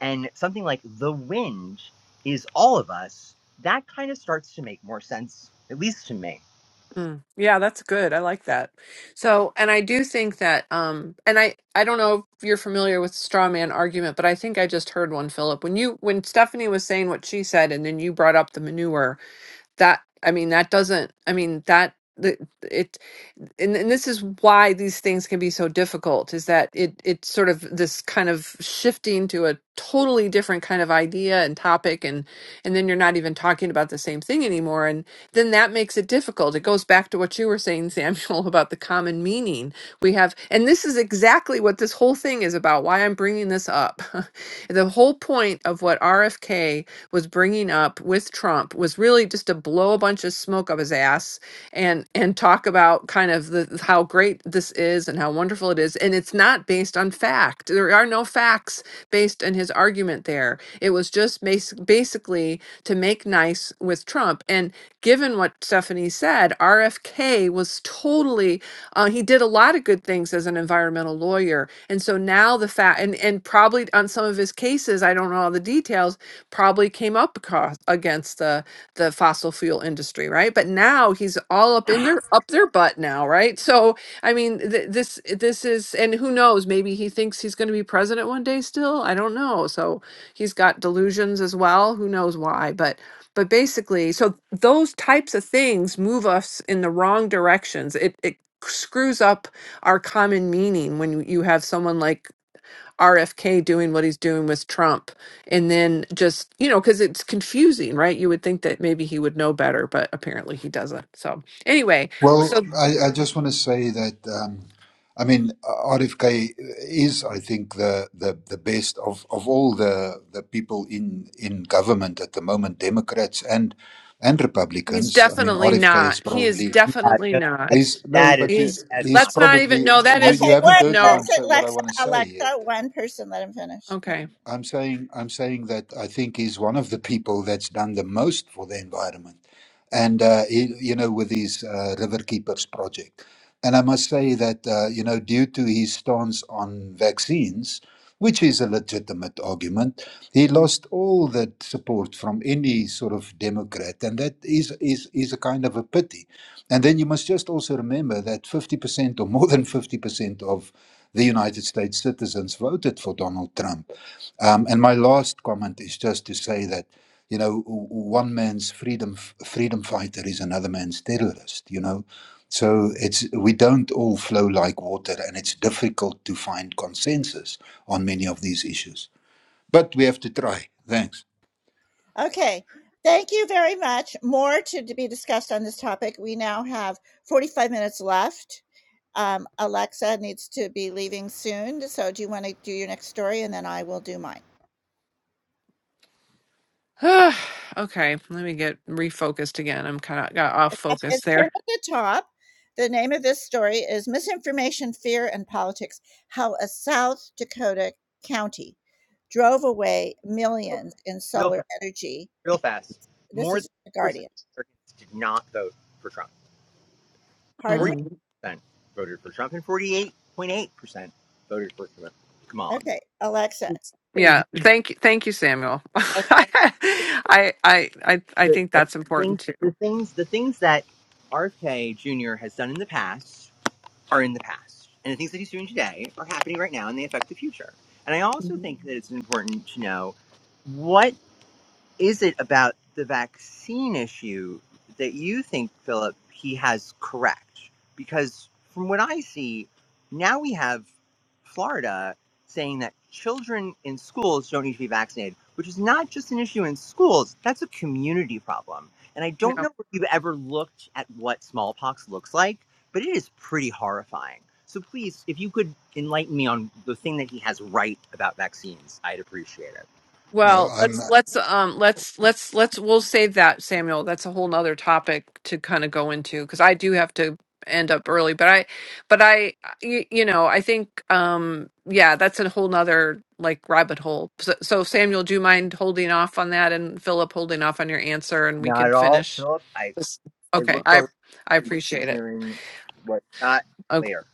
and something like the wind is all of us, that kind of starts to make more sense, at least to me.
Mm. Yeah, that's good. I like that. So, and I do think that, um, and I, I don't know if you're familiar with straw man argument, but I think I just heard one, Philip, when you, when Stephanie was saying what she said, and then you brought up the manure, that i mean that doesn't i mean that the- it and, and this is why these things can be so difficult is that it it's sort of this kind of shifting to a totally different kind of idea and topic and and then you're not even talking about the same thing anymore and then that makes it difficult it goes back to what you were saying [laughs] samuel about the common meaning we have and this is exactly what this whole thing is about why i'm bringing this up [laughs] the whole point of what rfk was bringing up with Trump was really just to blow a bunch of smoke up his ass and and talk about kind of the how great this is and how wonderful it is and it's not based on fact. There are no facts based in his argument there. It was just bas- basically to make nice with Trump and given what Stephanie said, RFK was totally uh, he did a lot of good things as an environmental lawyer. And so now the fact, and, and probably on some of his cases, I don't know all the details, probably came up across against the the fossil fuel industry, right? But now he's all up in their up their butt now, right? So I mean, th- this this is, and who knows? Maybe he thinks he's going to be president one day. Still, I don't know. So he's got delusions as well. Who knows why? But but basically, so those types of things move us in the wrong directions. It it screws up our common meaning when you have someone like RFK doing what he's doing with Trump. And then just, you know, because it's confusing, right? You would think that maybe he would know better, but apparently he doesn't. So, anyway,
Well,
so
I, I just want to say that um, I mean RFK is, I think, the the, the best of, of all the the people in in government at the moment, Democrats and and
he's
Republicans. I mean
definitely
RFK
not.
is
He is
probably
Yeah,
definitely
no, that,
not.
is no,
that is,
but you,
a,
He's,
that's
he's
not,
let's not even,
probably
no, that
you,
that's
is,
you
Okay,
haven't
one
heard what
no.
I'm
person,
say what I
Alexa,
want to say yet.
Alexa, one person. Let him finish. Let him
Okay.
finish.
I'm saying I'm saying that I think he's one of the people that's done the most for the environment, and uh, he, you know with his uh, river keepers project, and I must say that uh, you know due to his stance on vaccines, which is a legitimate argument, he lost all that support from any sort of Democrat, and that is is is a kind of a pity. And then you must just also remember that fifty percent or more than fifty percent of the United States citizens voted for Donald Trump um, and my last comment is just to say that, you know, w- one man's freedom freedom fighter is another man's terrorist. You know, so it's we don't all flow like water, and it's difficult to find consensus on many of these issues. But we have to try. Thanks.
Okay. Thank you very much. More to, be discussed on this topic. We now have 45 minutes left. Um, Alexa needs to be leaving soon. So, do you want to do your next story and then I will do mine?
[sighs] okay. Let me get refocused again. I'm kind of got off
Yep,
focus
It's pinned
there.
at the top. The name of this story is Misinformation, Fear, and Politics How a South Dakota County Drove Away
real
Millions in
real
Solar Energy.
real fast.
This
More than
is The
percent
Guardian.
of Americans did not vote for Trump.
Pardon
Forty
me?
Mm-hmm.
percent voted for Trump, and forty-eight point eight percent voted for Kam- Kamala.
Okay, Alexa,
We
please.
Yeah,
just,
thank you, thank you, Samuel. [laughs]
and the,
I, I, I, I
the,
think
the
that's important
things,
too.
the things, the things that RFK Jr. has done in the past are in the past, and the things that he's doing today are happening right now, and they affect the future. And I also
Mhm.
think that it's important to know what is it about the vaccine issue that you think, Philip, he has correct? Because from what I see, now we have Florida saying that children in schools don't need to be vaccinated, which is not just an issue in schools, that's a community problem. And I don't
Yeah.
know if you've ever looked at what smallpox looks like, but it is pretty horrifying. So please, if you could enlighten me on the thing that he has right about vaccines, I'd appreciate it.
No,
Well,
I'm
let's let's um let's let's let's we'll save that, Samuel. That's a whole nother topic to kind of go into because I do have to end up early, but I but I you, you know, I think um yeah, that's a whole nother like rabbit hole. So, so Samuel, do you mind holding off on that and Philip holding off on your answer and we
Not at
could
all,
finish
Philip. I
this?
I
Okay.
look
I
forward
I
to
appreciate it.
hearing what's not
Okay.
clear.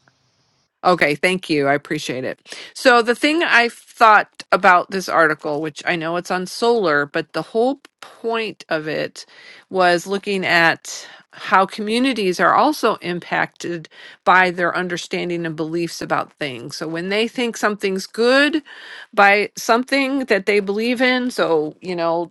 Okay, thank you. I appreciate it. So, the thing I thought about this article, which I know it's on solar, but the whole point of it was looking at how communities are also impacted by their understanding and beliefs about things. So, when they think something's good by something that they believe in, so, you know,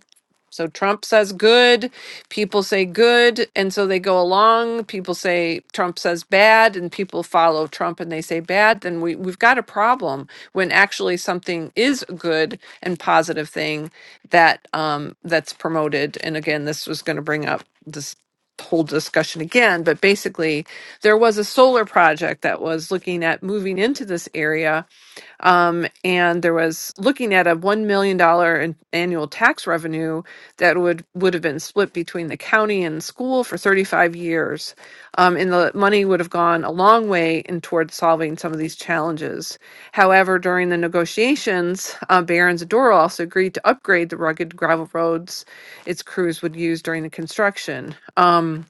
so Trump says good, People say good, and so they go along. People say Trump says bad, and people follow Trump and they say bad. Then we, we've got a problem when actually something is a good and positive thing that um, that's promoted. And again, this was going to bring up this whole discussion again, but basically, there was a solar project that was looking at moving into this area um, and there was looking at a $1 million dollar in annual tax revenue that would, would have been split between the county and school for 35 years. Um, and the money would have gone a long way in towards solving some of these challenges. However, during the negotiations, uh, Barron's Adora also agreed to upgrade the rugged gravel roads its crews would use during the construction. Um,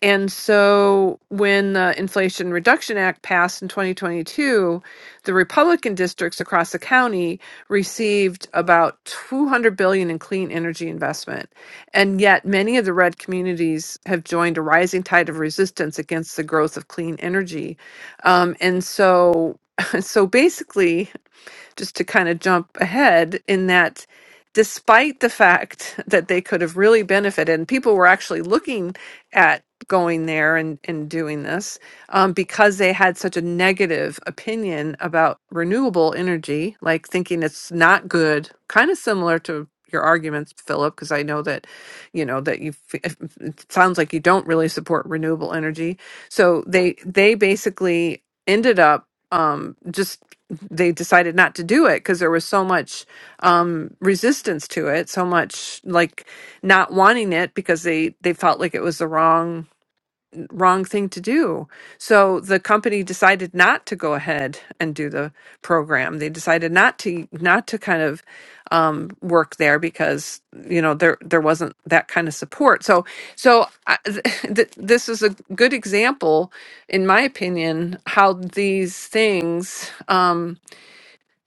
and so when the Inflation Reduction Act passed in 2022, the Republican districts across the county received about 200 billion in clean energy investment. And yet many of the red communities have joined a rising tide of resistance against the growth of clean energy. Um, and so [laughs] so basically just to kind of jump ahead in that despite the fact [laughs] that they could have really benefited and people were actually looking at going there and, and doing this um, because they had such a negative opinion about renewable energy like thinking it's not good kind of similar to your arguments philip because i know that you know that you f- it sounds like you don't really support renewable energy so they they basically ended up um, just they decided not to do it because there was so much um, resistance to it, so much like not wanting it because they they felt like it was the wrong wrong thing to do. So the company decided not to go ahead and do the program. They decided not to not to kind of um, work there because you know there there wasn't that kind of support. So so I, [laughs] th- this is a good example, in my opinion, how these things. Um,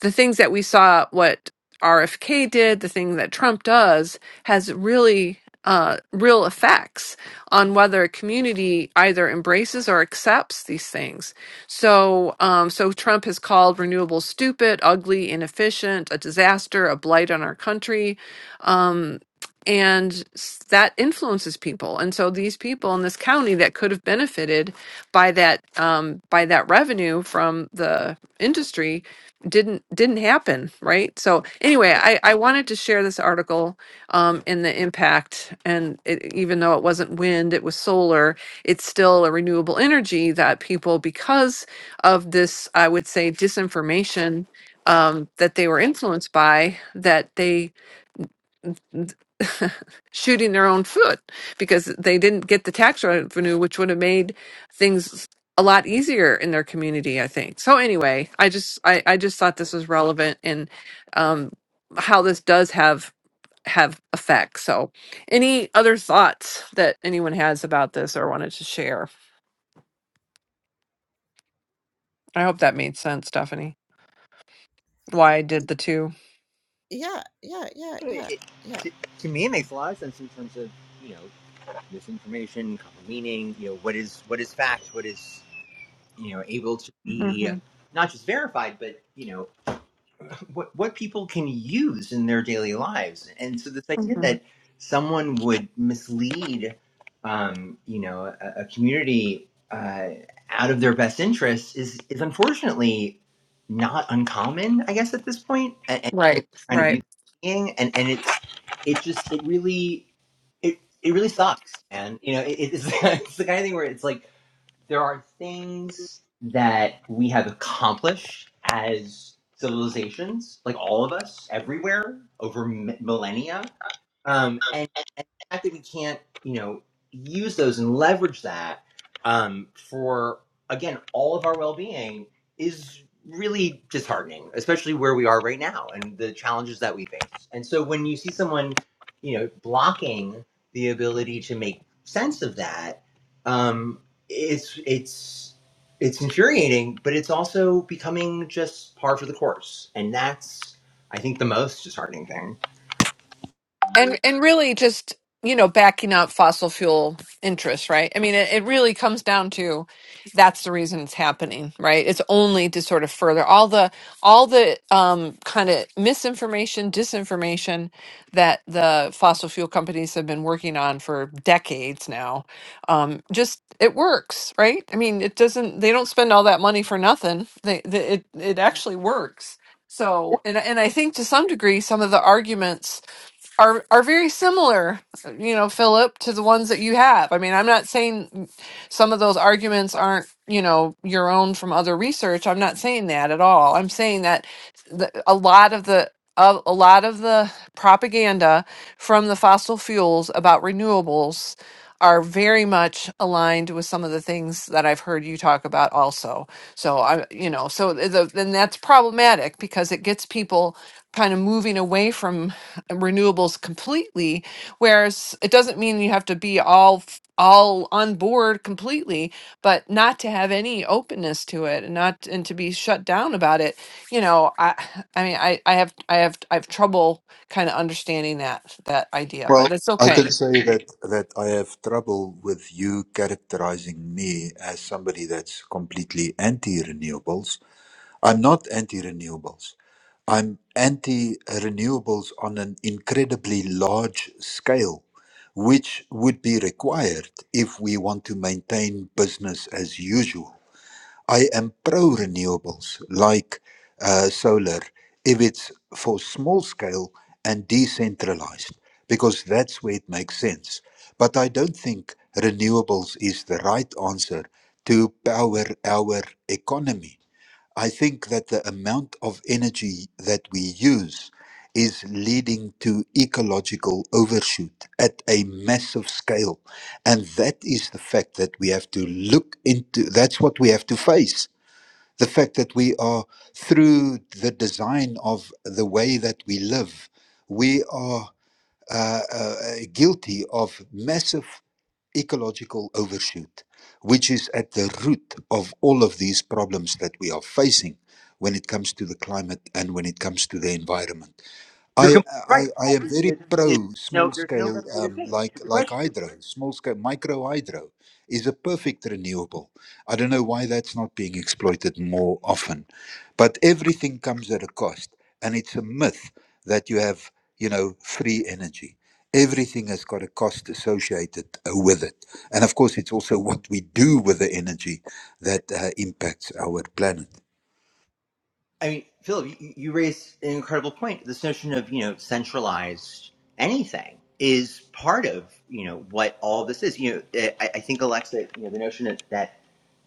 the things that we saw what RFK did, the thing that Trump does, has really uh, real effects on whether a community either embraces or accepts these things. So, um, so Trump has called renewables stupid, ugly, inefficient, a disaster, a blight on our country. Um, and s- that influences people, and so these people in this county that could have benefited by that um, by that revenue from the industry didn't didn't happen right so anyway i i wanted to share this article um in the impact and it, even though it wasn't wind it was solar it's still a renewable energy that people because of this i would say disinformation um that they were influenced by that they [laughs] shooting their own foot because they didn't get the tax revenue, which would have made things a lot easier in their community, I think. So anyway, I just I, I just thought this was relevant and um, how this does have have effect. So any other thoughts that anyone has about this or wanted to share? I hope that made sense, Stephanie. Why I did the 2
Yeah, yeah, yeah,
It,
yeah, yeah.
to, to me, it makes a lot of sense in terms of you know misinformation, common meaning. You know what is what is fact, what is you know able to be
Mm-hmm.
not just verified, but you know what what people can use in their daily lives. And so this idea that someone would mislead, um, you know, a, a community uh, out of their best interests is is unfortunately not uncommon, I guess, at this point, and, and something
Right,
we're kind of
right.
using and and it's it just it really it it really sucks, and you know, it, it's [laughs] it's the kind of thing where it's like there are things that we have accomplished as civilizations, like all of us, everywhere over m- millennia, um, and, and the fact that we can't, you know, use those and leverage that um, for again all of our well-being is really disheartening, especially where we are right now and the challenges that we face. And so when you see someone, you know, blocking the ability to make sense of that. Um, it's it's it's infuriating, but it's also becoming just par for the course, and that's I think the most disheartening thing.
and and really just you know backing up fossil fuel interests right i mean it, it really comes down to that's the reason it's happening right it's only to sort of further all the all the um, kind of misinformation disinformation that the fossil fuel companies have been working on for decades now um, just it works right i mean it doesn't they don't spend all that money for nothing they, they it, it actually works so and, and i think to some degree some of the arguments are are very similar, you know, Philip, to the ones that you have. I mean, I'm not saying some of those arguments aren't, you know, your own from other research. I'm not saying that at all. I'm saying that the, a lot of the of a lot of the propaganda from the fossil fuels about renewables are very much aligned with some of the things that I've heard you talk about also. So I you know, so the, then that's problematic because it gets people kind of moving away from renewables completely whereas it doesn't mean you have to be all f- all on board completely but not to have any openness to it and not and to be shut down about it you know i i mean i i have i have i have trouble kind of understanding that that idea
well.
but it's
I
okay
can say that that I have trouble with you characterizing me as somebody that's completely anti-renewables I'm not anti renewables. I'm anti renewables on an incredibly large scale, which would be required if we want to maintain business as usual. I am pro renewables, like uh, solar, if it's for small scale and decentralized, because that's where it makes sense. But I don't think renewables is the right answer to power our economy I think that the amount of energy that we use is leading to ecological overshoot at a massive scale. And that is the fact that we have to look into, that's what we have to face. The fact that we are, through the design of the way that we live, we are uh, uh, uh, guilty of massive ecological overshoot, which is at the root of all of these problems that we are facing when it comes to the climate and when it comes to the environment.
You're
I
completely
I
right.
I
I-
am
think
very
There's, there's
pro
no,
small
there's no
scale,
better way to say
um,
it.
like
But the
like
question,
hydro, small scale micro hydro is a perfect renewable. I don't know why that's not being exploited more often, but everything comes at a cost, and it's a myth that you have you know free energy. Everything has got a cost associated uh, with it, and of course, it's also what we do with the energy that uh, impacts our planet.
I mean, Philip, you, you raise an incredible point. This notion of you know centralized anything is part of you know what all this is. You know, I, I think Alexa, you know, the notion that, that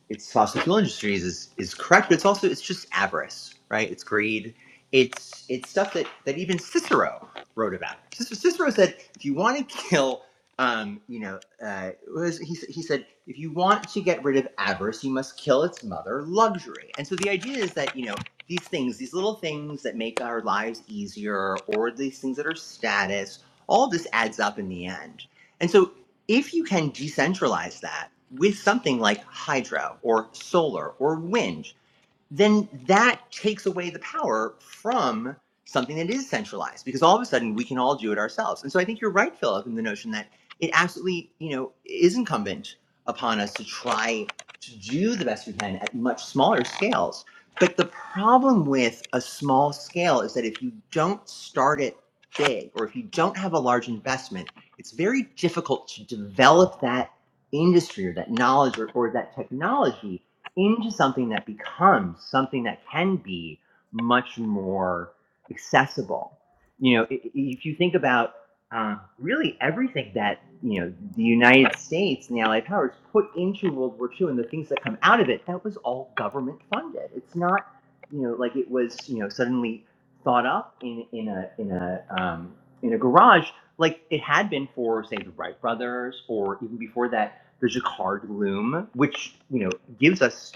it's fossil fuel industries is is correct, but it's also it's just avarice, right? It's greed. It's it's stuff that that even Cicero wrote about. Cic- Cicero said, if you want to kill, um, you know, uh, what was, he s- he said, if you want to get rid of avarice, you must kill its mother, luxury. And so the idea is that you know these things, these little things that make our lives easier, or these things that are status, all this adds up in the end. And so if you can decentralize that with something like hydro or solar or wind then that takes away the power from something that is centralized because all of a sudden we can all do it ourselves. And so I think you're right, Philip, in the notion that it absolutely, you know, is incumbent upon us to try to do the best we can at much smaller scales. But the problem with a small scale is that if you don't start it big or if you don't have a large investment, it's very difficult to develop that industry or that knowledge or, or that technology into something that becomes something that can be much more accessible. You know, if you think about uh, really everything that you know the United States and the Allied powers put into World War II and the things that come out of it, that was all government funded. It's not you know like it was you know suddenly thought up in in a in a um, in a garage like it had been for say the Wright brothers or even before that the Jacquard loom, which you know gives us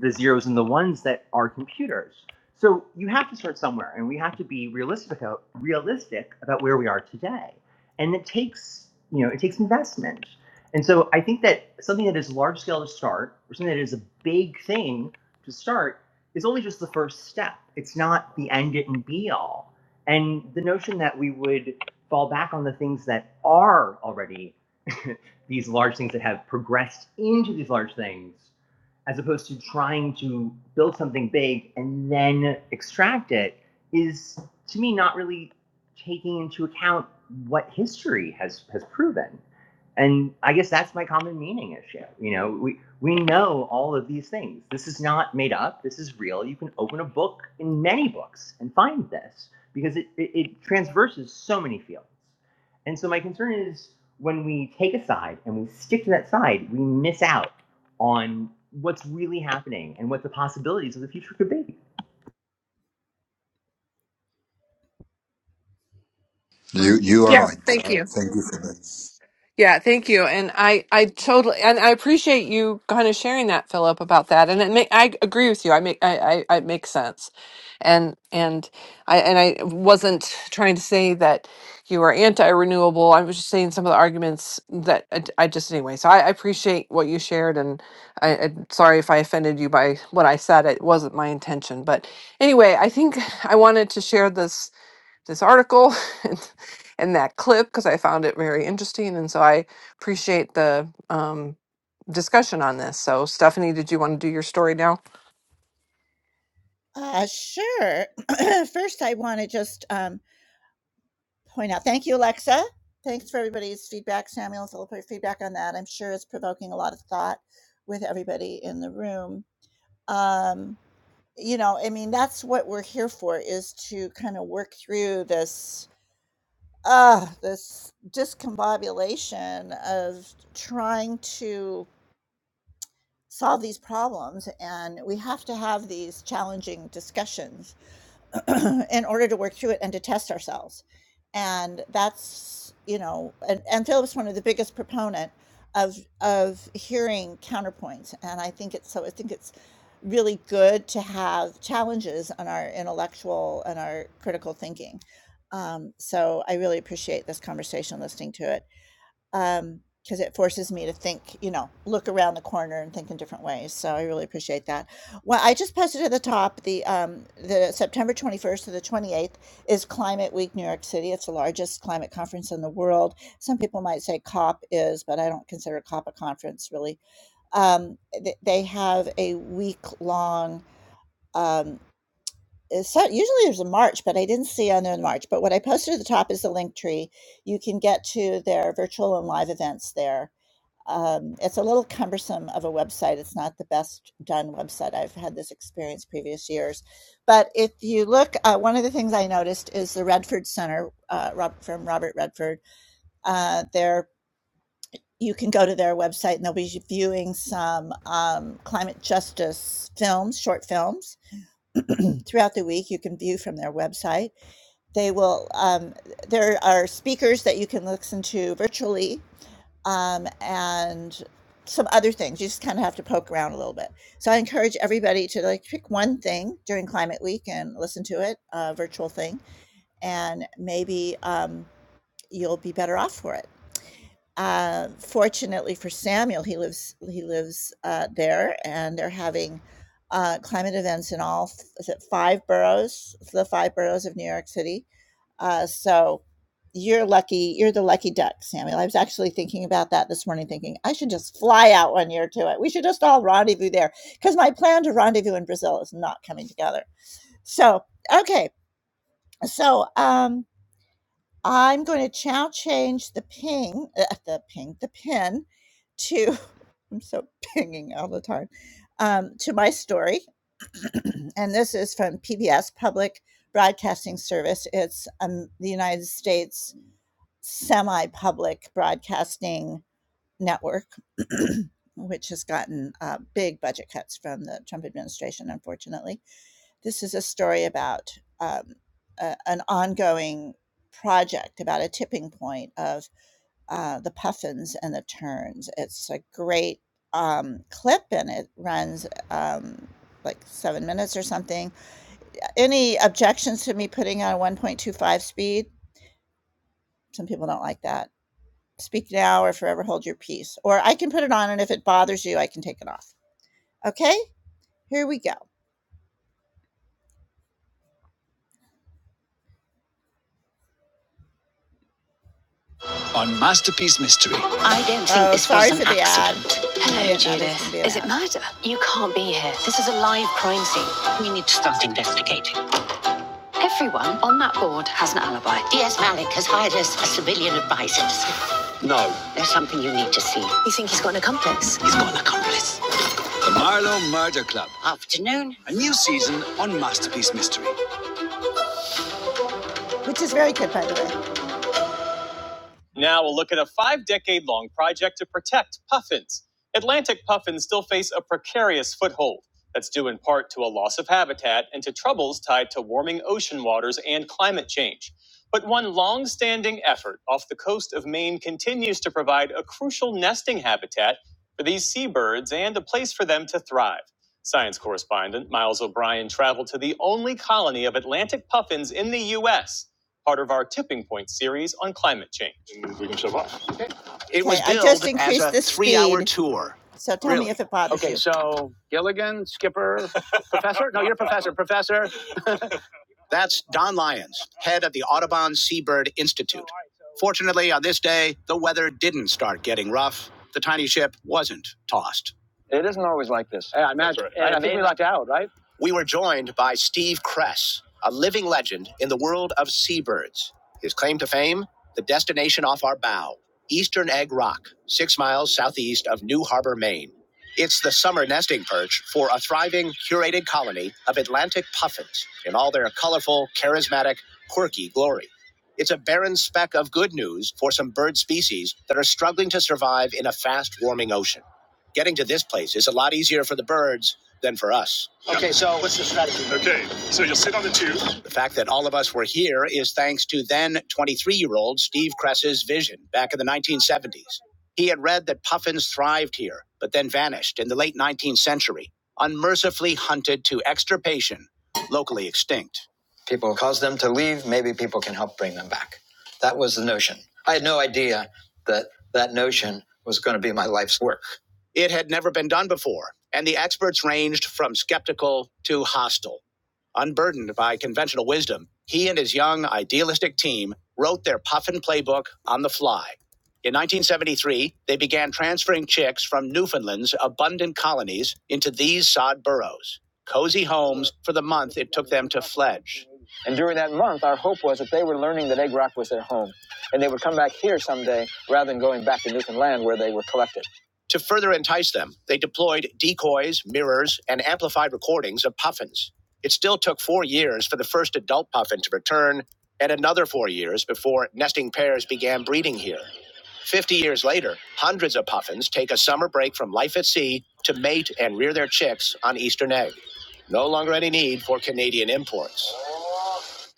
the zeros and the ones that are computers. So you have to start somewhere, and we have to be realistic about, realistic about where we are today. And it takes you know it takes investment. And so I think that something that is large scale to start, or something that is a big thing to start, is only just the first step. It's not the end it and be all. And the notion that we would fall back on the things that are already [laughs] these large things that have progressed into these large things as opposed to trying to build something big and then extract it is to me not really taking into account what history has has proven and i guess that's my common meaning issue you know we we know all of these things this is not made up this is real you can open a book in many books and find this because it it, it transverses so many fields and so my concern is when we take a side and we stick to that side we miss out on what's really happening and what the possibilities of the future could be.
You you are
yeah
right.
thank
Uh,
you
thank you for that.
Yeah, thank you. And I, I totally, and I appreciate you kind of sharing that, Philip, about that. And it may, I agree with you. I make, I, I, it makes sense. And, and I, and I wasn't trying to say that you are anti-renewable. I was just saying some of the arguments that I, I just, anyway, so I, I appreciate what you shared and I, I'm sorry if I offended you by what I said. It wasn't my intention, but anyway, I think I wanted to share this this article [laughs] and, and that clip because I found it very interesting. And so I appreciate the um, discussion on this. So, Stephanie, did you want to do your story now?
Uh, sure. [clears throat] First, I want to just um, point out thank you, Alexa. Thanks for everybody's feedback, Samuel, and Philip, for your feedback on that. I'm sure it's provoking a lot of thought with everybody in the room. Um, you know, I mean, that's what we're here for is to kind of work through this. Uh, this discombobulation of trying to solve these problems and we have to have these challenging discussions [clears throat] in order to work through it and to test ourselves. And that's, you know, and, and Philip's one of the biggest proponent of of hearing counterpoints. And I think it's so I think it's really good to have challenges on our intellectual and our critical thinking. Um, so I really appreciate this conversation listening to it um Because it forces me to think, you know, look around the corner and think in different ways, so I really appreciate that. Well, I just posted at the top the, um, the September 21st to the 28th is Climate Week New York City. It's the largest climate conference in the world. Some people might say COP is, but I don't consider COP a conference really. Um, th they have a week-long, um, it's so usually there's a march, but I didn't see on there in March, but what I posted at the top is the link tree. You can get to their virtual and live events there um, it's a little cumbersome of a website. It's not the best done website. I've had this experience previous years. But if you look, uh, one of the things I noticed is the Redford Center uh, Rob, from Robert Redford. Uh, there, you can go to their website and they'll be viewing some um, climate justice films, short films [clears throat] throughout the week. You can view from their website. They will. Um, there are speakers that you can listen to virtually um, and some other things. You just kind of have to poke around a little bit. So I encourage everybody to like pick one thing during Climate Week and listen to it, a virtual thing, and maybe um, you'll be better off for it. Uh, fortunately for Samuel, he lives he lives uh, there, and they're having uh, climate events in all is it five boroughs, the five boroughs of New York City. Uh, so you're lucky. You're the lucky duck, Samuel. I was actually thinking about that this morning, thinking I should just fly out one year to it. We should just all rendezvous there because my plan to rendezvous in Brazil is not coming together. So okay, so um, I'm going to now change the ping, uh, uh, the ping, the pin to, [laughs] I'm so pinging all the time, um, to my story. [clears throat] and this is from PBS Public Broadcasting Service. It's um, the United States semi public broadcasting network, [clears throat] which has gotten uh, big budget cuts from the Trump administration, unfortunately. This is a story about um, a, an ongoing project about a tipping point of uh, the puffins and the terns. It's a great um, clip and it runs um, like seven minutes or something. Any objections to me putting on 1.25 speed? Some people don't like that. Speak now or forever hold your peace. Or I can put it on, and if it bothers you, I can take it off. Okay, here we go. on Masterpiece Mystery. I don't think Oh, this was an accident. Hello, Judith. Is it murder? You can't be here. This is a live crime scene. We need to start investigating. Everyone on that board has an alibi. DS Malik has hired us as civilian advisors. No. There's something you need to see. You think he's got an accomplice? He's got an accomplice. The Marlowe Murder Club. Afternoon. A new season on Masterpiece Mystery. Which is very good, by the way. Now we'll look at a five decade long project to protect puffins. Atlantic puffins still face a precarious foothold that's due in part to a loss of habitat and to troubles tied to warming ocean waters and climate change. But one long standing effort off the coast of Maine continues to provide a crucial nesting habitat for these seabirds and a place for them to thrive. Science correspondent Miles O'Brien traveled to the only colony of Atlantic puffins in the U.S part of our Tipping Point series on climate change. We can survive. It was Okay, billed as a three-hour tour. So tell really? me Really? if it bothers Okay, you. Okay, so Gilligan, Skipper, [laughs] Professor? No, you're Professor. Professor? That's Don Lyons, head of the Audubon Seabird Institute. Fortunately, on this day, the weather didn't start getting rough. The tiny ship wasn't tossed. Always like this. Yeah, I imagine. Right. I, I think we we were joined by Steve Kress, a living legend in the world of seabirds. His claim to fame? The destination off our bow, Eastern Egg Rock, six miles southeast of New Harbor, Maine. It's the summer nesting perch for a thriving, curated colony of Atlantic puffins in all their colorful, charismatic, quirky glory. It's a barren speck of good news for some bird species that are struggling to survive. It's A lot easier for the birds. people cause them to leave maybe people can help bring them back that was the notion i had no idea that that notion was going to be my life's work it had never been done before and the experts ranged from skeptical to hostile Unburdened by conventional wisdom, he and his young, idealistic team wrote their puffin playbook on the fly. In 1973, they began transferring chicks from Newfoundland's abundant colonies into these sod burrows, cozy homes for the month it took them to fledge. And during that month, our hope was that they were learning that Egg Rock was their home, and they would come back here someday rather than going back to Newfoundland where they were collected. To further entice them, they deployed decoys, mirrors, and amplified recordings of puffins. It still took four years for the first adult puffin to return, and another four years before nesting pairs began breeding here. Fifty years later, hundreds of puffins take a summer break from life at sea to mate and rear their chicks on Eastern egg. No longer any need for Canadian imports.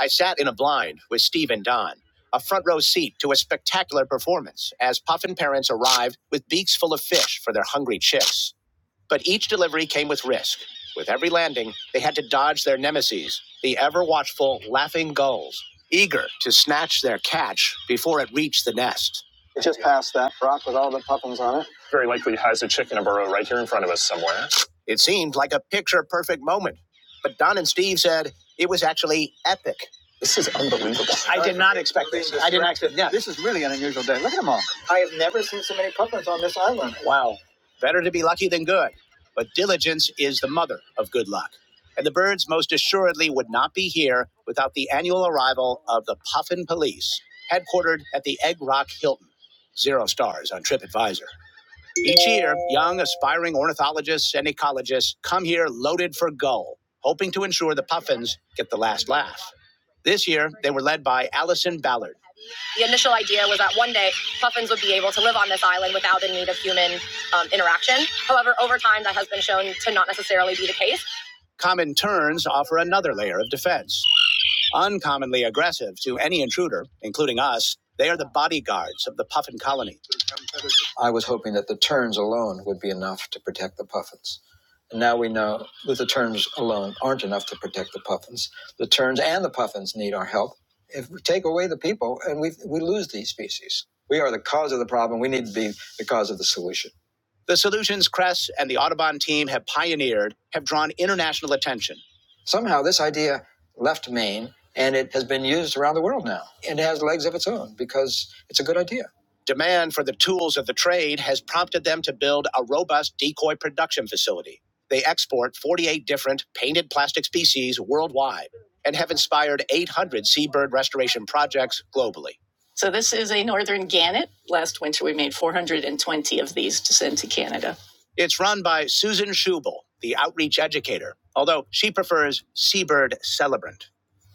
I sat in a blind with Steve and Don, a front row seat to a spectacular performance as puffin parents arrived with beaks full of fish for their hungry chicks. But each delivery came with risk. With every landing, they had to dodge their nemesis, the ever watchful laughing gulls, eager to snatch their catch before it reached the nest. It seemed like a picture perfect moment, but Don and Steve said it was actually epic. This is unbelievable. I did not expect this. I did not expect yeah. This is really an unusual day. Look at them all. I have never seen so many puffins on this island. Wow. Better to be lucky than good, but diligence is the mother of good luck. And the birds most assuredly would not be here without the annual arrival of the Puffin Police, headquartered at the Egg Rock Hilton. Zero stars on TripAdvisor. Each year, young, aspiring ornithologists and ecologists come here loaded for gull, hoping to ensure the puffins get the last laugh. This year, they were led by Allison Ballard. The initial idea was that one day puffins would be able to live on this island without the need of human um, interaction. However, over time, that has been shown to not necessarily be the case. Common terns offer another layer of defense. Uncommonly aggressive to any intruder, including us, they are the bodyguards of the puffin colony. That the terns alone would be enough to protect the puffins. Now we know that the terms alone aren't enough to protect the puffins. The terns and the puffin are help. If we take away the people, and we we lose these species. We are the cause of the problem. We need to be the cause of the solution. The solutions Kress and the Audubon team have pioneered have drawn international attention. Somehow, this idea left Maine, and it has been used around the world now. So, because Demand for the tools of the trade has prompted them to build a robust decoy production facility. They export 48 different painted plastic species worldwide and have inspired 800 seabird restoration projects globally. So, this is a northern gannet. Last winter, we made 420 of these to send to Canada. It's run by Susan Schubel, the outreach educator, although she prefers seabird celebrant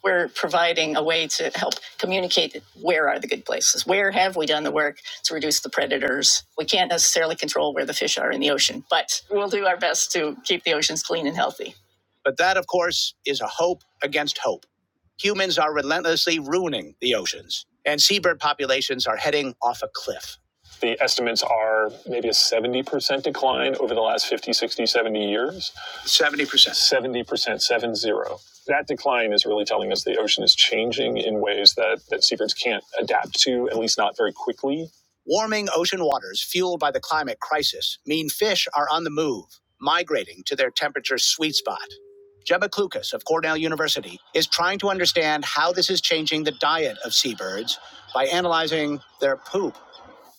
we're providing a way to help communicate where are the good places where have we done the work to reduce the predators we can't necessarily control where the fish are in the ocean but we'll do our best to keep the oceans clean and healthy but that of course is a hope against hope humans are relentlessly ruining the oceans and seabird populations are heading off a cliff The estimates are maybe a 70% decline over the last 50, 60, 70 years. 70%. 70%, seven zero. That decline is really telling us the ocean is changing in ways that, that seabirds can't adapt to, at least not very quickly. Warming ocean waters fueled by the climate crisis mean fish are on the move, migrating to their temperature sweet spot. Gemma Klukas of Cornell University is trying to understand how this is changing the diet of seabirds by analyzing their poop.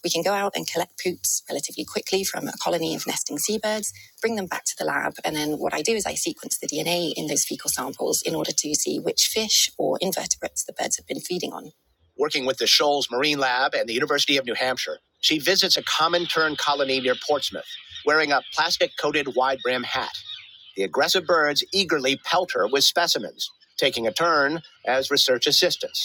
We can go out and collect poops relatively quickly from a colony of nesting seabirds, bring them back to the lab, and then what I do is I sequence the DNA in those fecal samples in order to see which fish or invertebrates the birds have been feeding on. Working with the Shoals Marine Lab and the University of New Hampshire, she visits a common tern colony near Portsmouth, wearing a plastic coated wide brim hat. The aggressive birds eagerly pelt her with specimens, taking a turn as research assistants.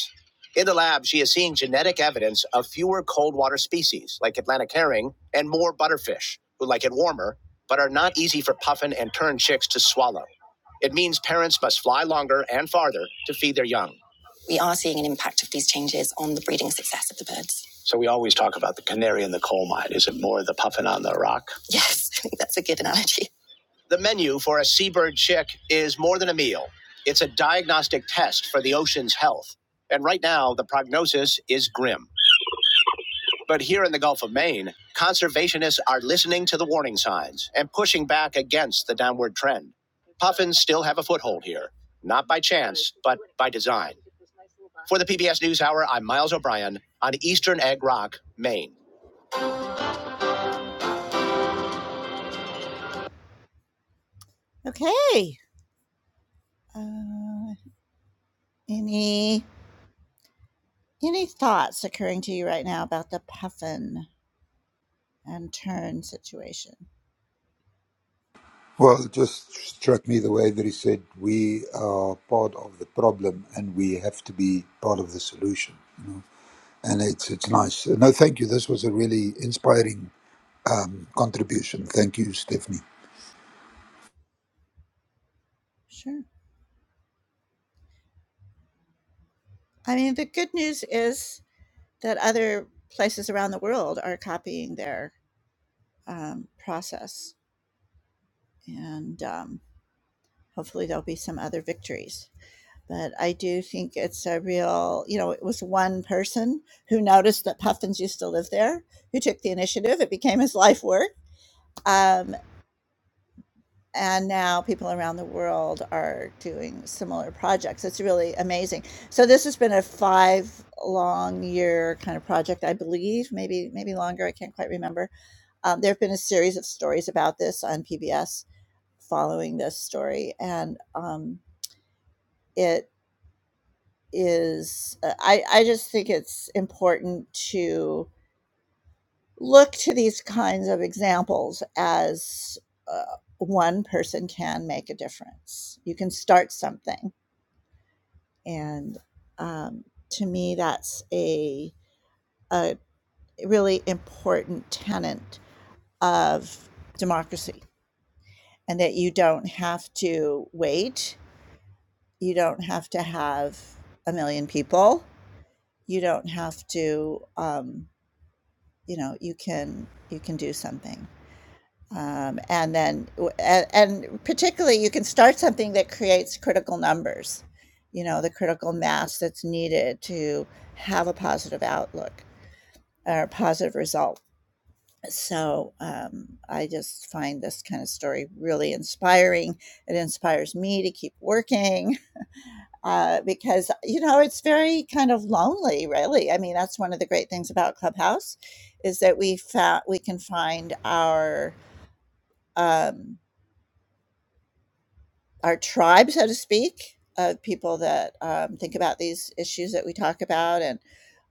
In the lab, she is seeing genetic evidence of fewer cold water species, like Atlantic herring, and more butterfish, who like it warmer, but are not easy for puffin and tern chicks to swallow. It means parents must fly longer and farther to feed their young. We are seeing an impact of these changes on the breeding success of the birds. So we always talk about the canary in the coal mine. Is it more the puffin on the rock? Yes, [laughs] I think that's a good analogy. The menu for a seabird chick is more than a meal. It's a diagnostic test for the ocean's health. And right now, the prognosis is grim. But here in the Gulf of Maine, conservationists are listening to the warning signs and pushing back against the downward trend. Puffins still have a foothold here, not by chance, but by design. For the PBS NewsHour, I'm Miles O'Brien on Eastern Egg Rock, Maine. Okay. Uh, any any thoughts occurring to you right now about the puffin? and turn situation.
Well, it just struck me the way that he said, we are part of the problem and we have to be part of the solution. You know? And it's, it's nice. No, thank you. This was a really inspiring um, contribution. Thank you, Stephanie.
Sure. I mean, the good news is that other places around the world are copying their um, process, and um, hopefully, there'll be some other victories. But I do think it's a real, you know, it was one person who noticed that puffins used to live there, who took the initiative. It became his life work. Um, and now people around the world are doing similar projects. It's really amazing. So this has been a five long year kind of project, I believe, maybe maybe longer. I can't quite remember. Um, there have been a series of stories about this on PBS following this story, and um, it is uh, I, I just think it's important to look to these kinds of examples as uh, one person can make a difference. You can start something. And um, to me, that's a, a really important tenet of democracy, and that you don't have to wait, you don't have to have a million people. You don't have to um, you know you can you can do something um, and then w- a- and particularly you can start something that creates critical numbers you know the critical mass that's needed to have a positive outlook or a positive result so um, i just find this kind of story really inspiring it inspires me to keep working uh, because you know it's very kind of lonely really i mean that's one of the great things about clubhouse is that we found we can find our um, our tribe, so to speak, of people that um, think about these issues that we talk about and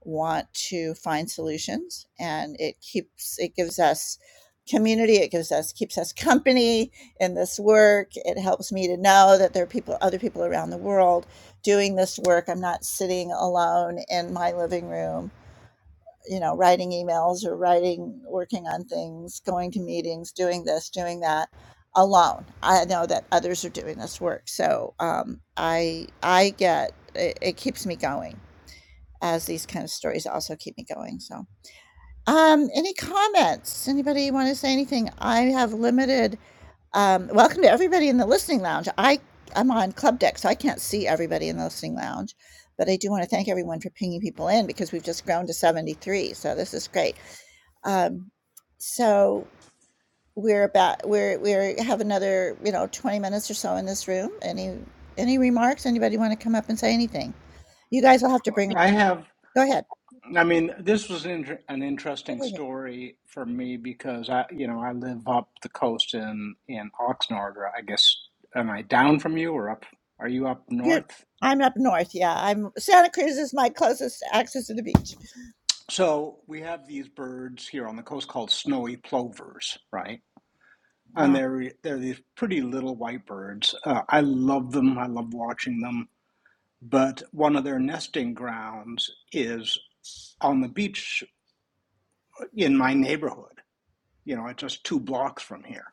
want to find solutions. And it keeps it gives us community. It gives us keeps us company in this work. It helps me to know that there are people, other people around the world, doing this work. I'm not sitting alone in my living room you know writing emails or writing working on things going to meetings doing this doing that alone i know that others are doing this work so um, i i get it, it keeps me going as these kind of stories also keep me going so um any comments anybody want to say anything i have limited um, welcome to everybody in the listening lounge. I I'm on club deck, so I can't see everybody in the listening lounge, but I do want to thank everyone for pinging people in because we've just grown to 73. So this is great. Um, so we're about we're we have another you know 20 minutes or so in this room. Any any remarks? Anybody want to come up and say anything? You guys will have to bring.
I have,
Go ahead.
I mean, this was an, inter- an interesting story for me because I, you know, I live up the coast in in Oxnard, or I guess, am I down from you or up? Are you up
You're,
north?
I'm up north. Yeah, I'm Santa Cruz is my closest access to the beach.
So we have these birds here on the coast called snowy plovers, right? And
Yeah.
they're they're these pretty little white birds. Uh, I love them. I love watching them. But one of their nesting grounds is on the beach in my neighborhood. You know, it's just two blocks from here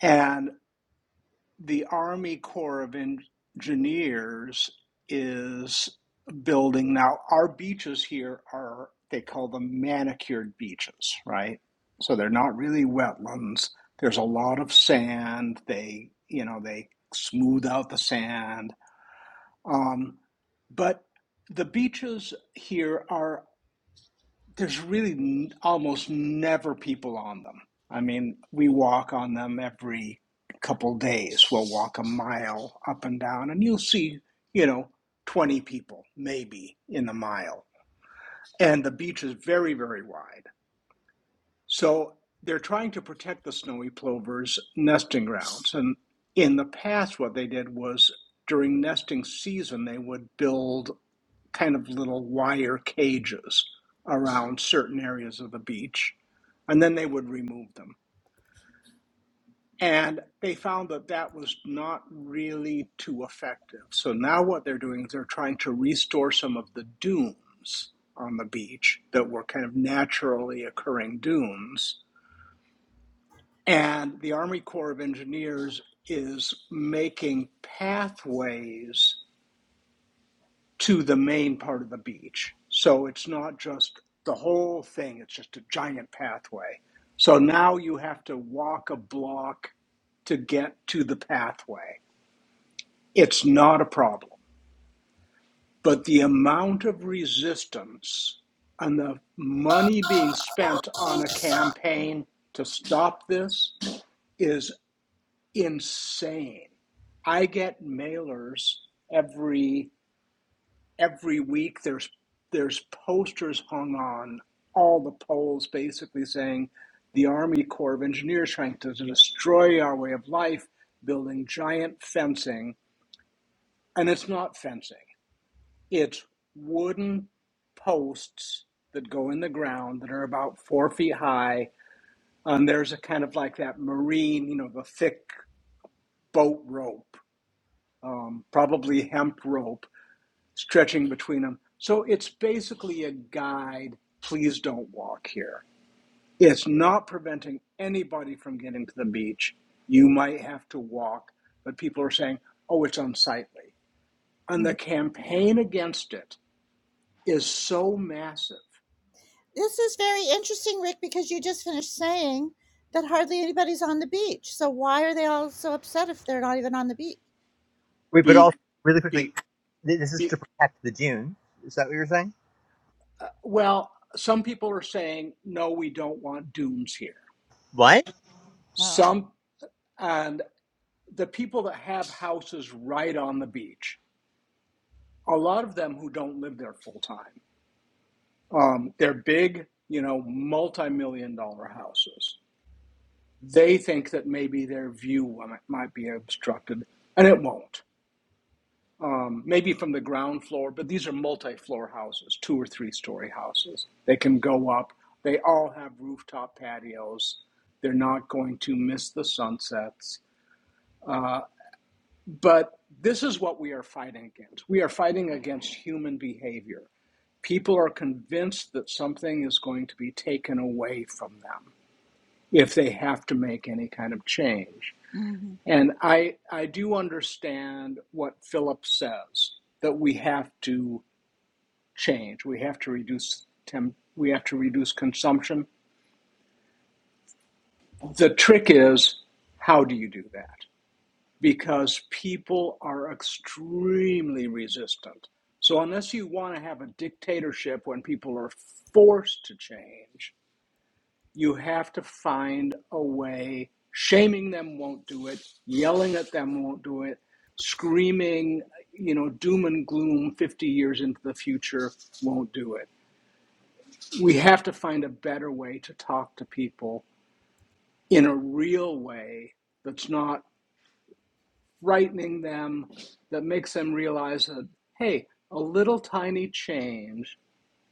And the Army Corps of Engineers is building now. Our beaches here are, they call them manicured beaches, right? So they're not really wetlands. There's a lot of sand. They, you know, they smooth out the sand. Um, but the beaches here are there's really almost never people on them. I mean, we walk on them every couple days. We'll walk a mile up and down, and you'll see, you know, 20 people maybe in the mile. And the beach is very, very wide. So they're trying to protect the snowy plover's nesting grounds. And in the past, what they did was during nesting season, they would build kind of little wire cages around certain areas of the beach, and then they would remove them. And they found that that was not really too effective. So now what they're doing is they're trying to restore some of the dunes on the beach that were kind of naturally occurring dunes. And the Army Corps of Engineers is making pathways to the main part of the beach. So it's not just the whole thing, it's just a giant pathway. So now you have to walk a block to get to the pathway. It's not a problem. But the amount of resistance and the money being spent on a campaign to stop this is insane. I get mailers every every week there's there's posters hung on all the poles basically saying the army corps of engineers trying to destroy our way of life building giant fencing and it's not fencing it's wooden posts that go in the ground that are about four feet high and there's a kind of like that marine you know the thick boat rope um, probably hemp rope stretching between them. So it's basically a guide. Please don't walk here. It's not preventing anybody from getting to the beach. You might have to walk, but people are saying, oh, it's unsightly.
Mm-hmm.
And the campaign against it is so massive.
This is very interesting, Rick, because you just finished saying that hardly anybody's on the beach. So why are they all so upset if they're not even on the beach?
Wait, but
Be,
also really quickly,
be,
this is to
be,
protect the Dune. Is that what you're saying?
well, some people are saying, no, we don't want dunes here.
What?
Wow.
Some, and the people that have houses right on the beach, a lot of them who don't live there full time Um, they're big, you know, multi-million dollar houses. They think that maybe their view might be obstructed, and it won't. Um, maybe from the ground floor, but these are multi-floor houses, two or three-story houses. They can go up. They all have rooftop patios. They're not going to miss the sunsets. Uh, but this is what we are fighting against. We are fighting against human behavior. People are convinced that something is going to be taken away from them if they have to make any kind of change.
hmm
And I, I do understand what Philip says that we have to change. We have to reduce temp, we have to reduce consumption. The trick is how do you do that? Because people are extremely resistant. So unless you want to have a dictatorship when people are forced to change, You have to find a way. Shaming them won't do it. Yelling at them won't do it. Screaming, you know, doom and gloom 50 years into the future won't do it. We have to find a better way to talk to people in a real way that's not frightening them, that makes them realize that, hey, a little tiny change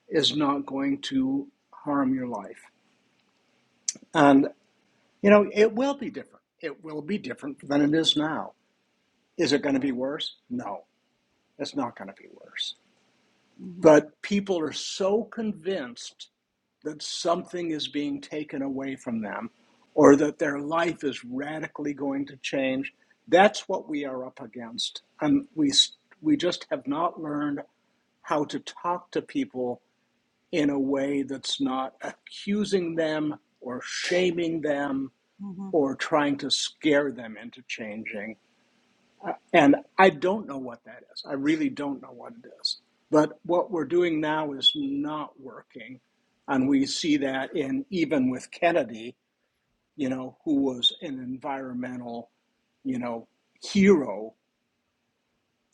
is not going to harm your life. And You know, it will be different. It will be different than it is now. Is it going to be worse? No, it's not going to be worse.
hmm
But people are so convinced that something is being taken away from them or that their life is radically going to change. That's what we are up against. And we, we just have not learned how to talk to people in a way that's not accusing them or shaming them
Mhm.
or trying to scare them into changing. And I don't know what that is. I really don't know what it is. But what we're doing now is not working. And we see that in even with Kennedy, you know, who was an environmental, you know, hero.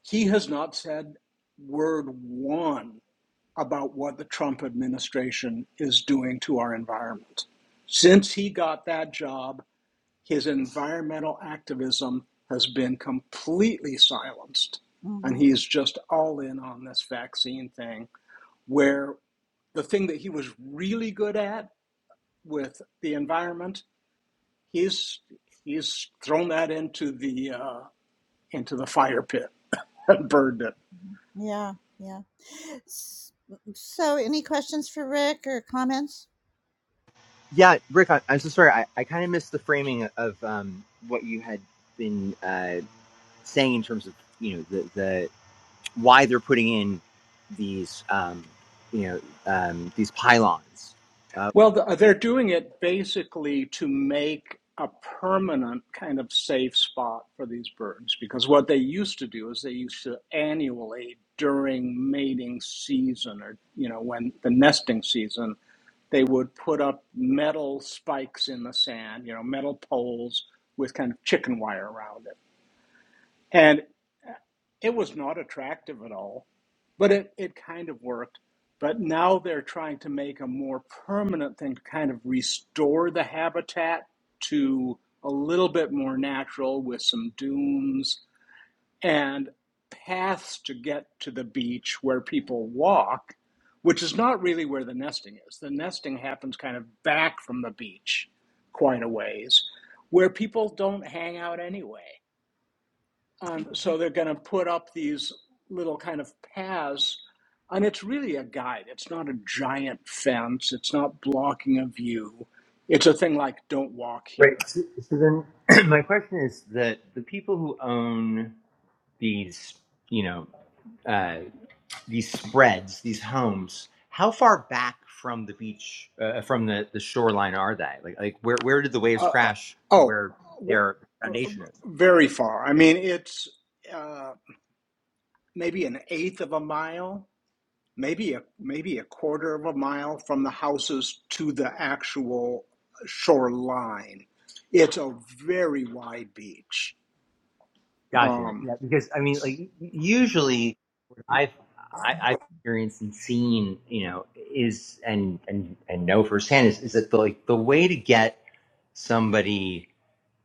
He has not said word one about what the Trump administration is doing to our environment. Since he got that job, his environmental activism has been completely silenced. And
Mhm.
he's just all in on this vaccine thing, where the thing that he was really good at with the environment, he's he's thrown that into the uh, into the fire pit [laughs] and burned it.
Mhm. Yeah, yeah. S- So, any questions for Rick or comments?
Yeah, Rick, I, am so sorry. I, I kind of missed the framing of um, what you had been uh, saying in terms of you know the the why they're putting in these um, you know um, these pylons. Uh,
Well, they're doing it basically to make a permanent kind of safe spot for these birds because what they used to do is they used to annually during mating season or you know when the nesting season they would put up metal spikes in the sand you know metal poles with kind of chicken wire around it and. It was not attractive at all, but it, it kind of worked. But now they're trying to make a more permanent thing to kind of restore the habitat to a little bit more natural with some dunes and paths to get to the beach where people walk, which is not really where the nesting is. The nesting happens kind of back from the beach quite a ways where people don't hang out anyway. Um, so they're going to put up these little kind of paths, and it's really a guide. It's not a giant fence. It's not blocking a view. It's a thing like "Don't walk
right.
here."
So, so then, [clears throat] my question is that the people who own these you know uh, these spreads, these homes, how far back from the beach, uh, uh, from the, the shoreline are they? Like, like where, where did the waves
Uh, uh,
crash to
oh,
where
w-
their
uh,
foundation is?
very far. I mean, it's uh, maybe an eighth of a mile, maybe a maybe a quarter of a mile from the houses to the actual shoreline. It's a very wide beach.
Gotcha.
Um,
Yeah, because I mean, like usually what I've I, I've experienced and seen, you know, is and and and know firsthand is is that the like the way to get somebody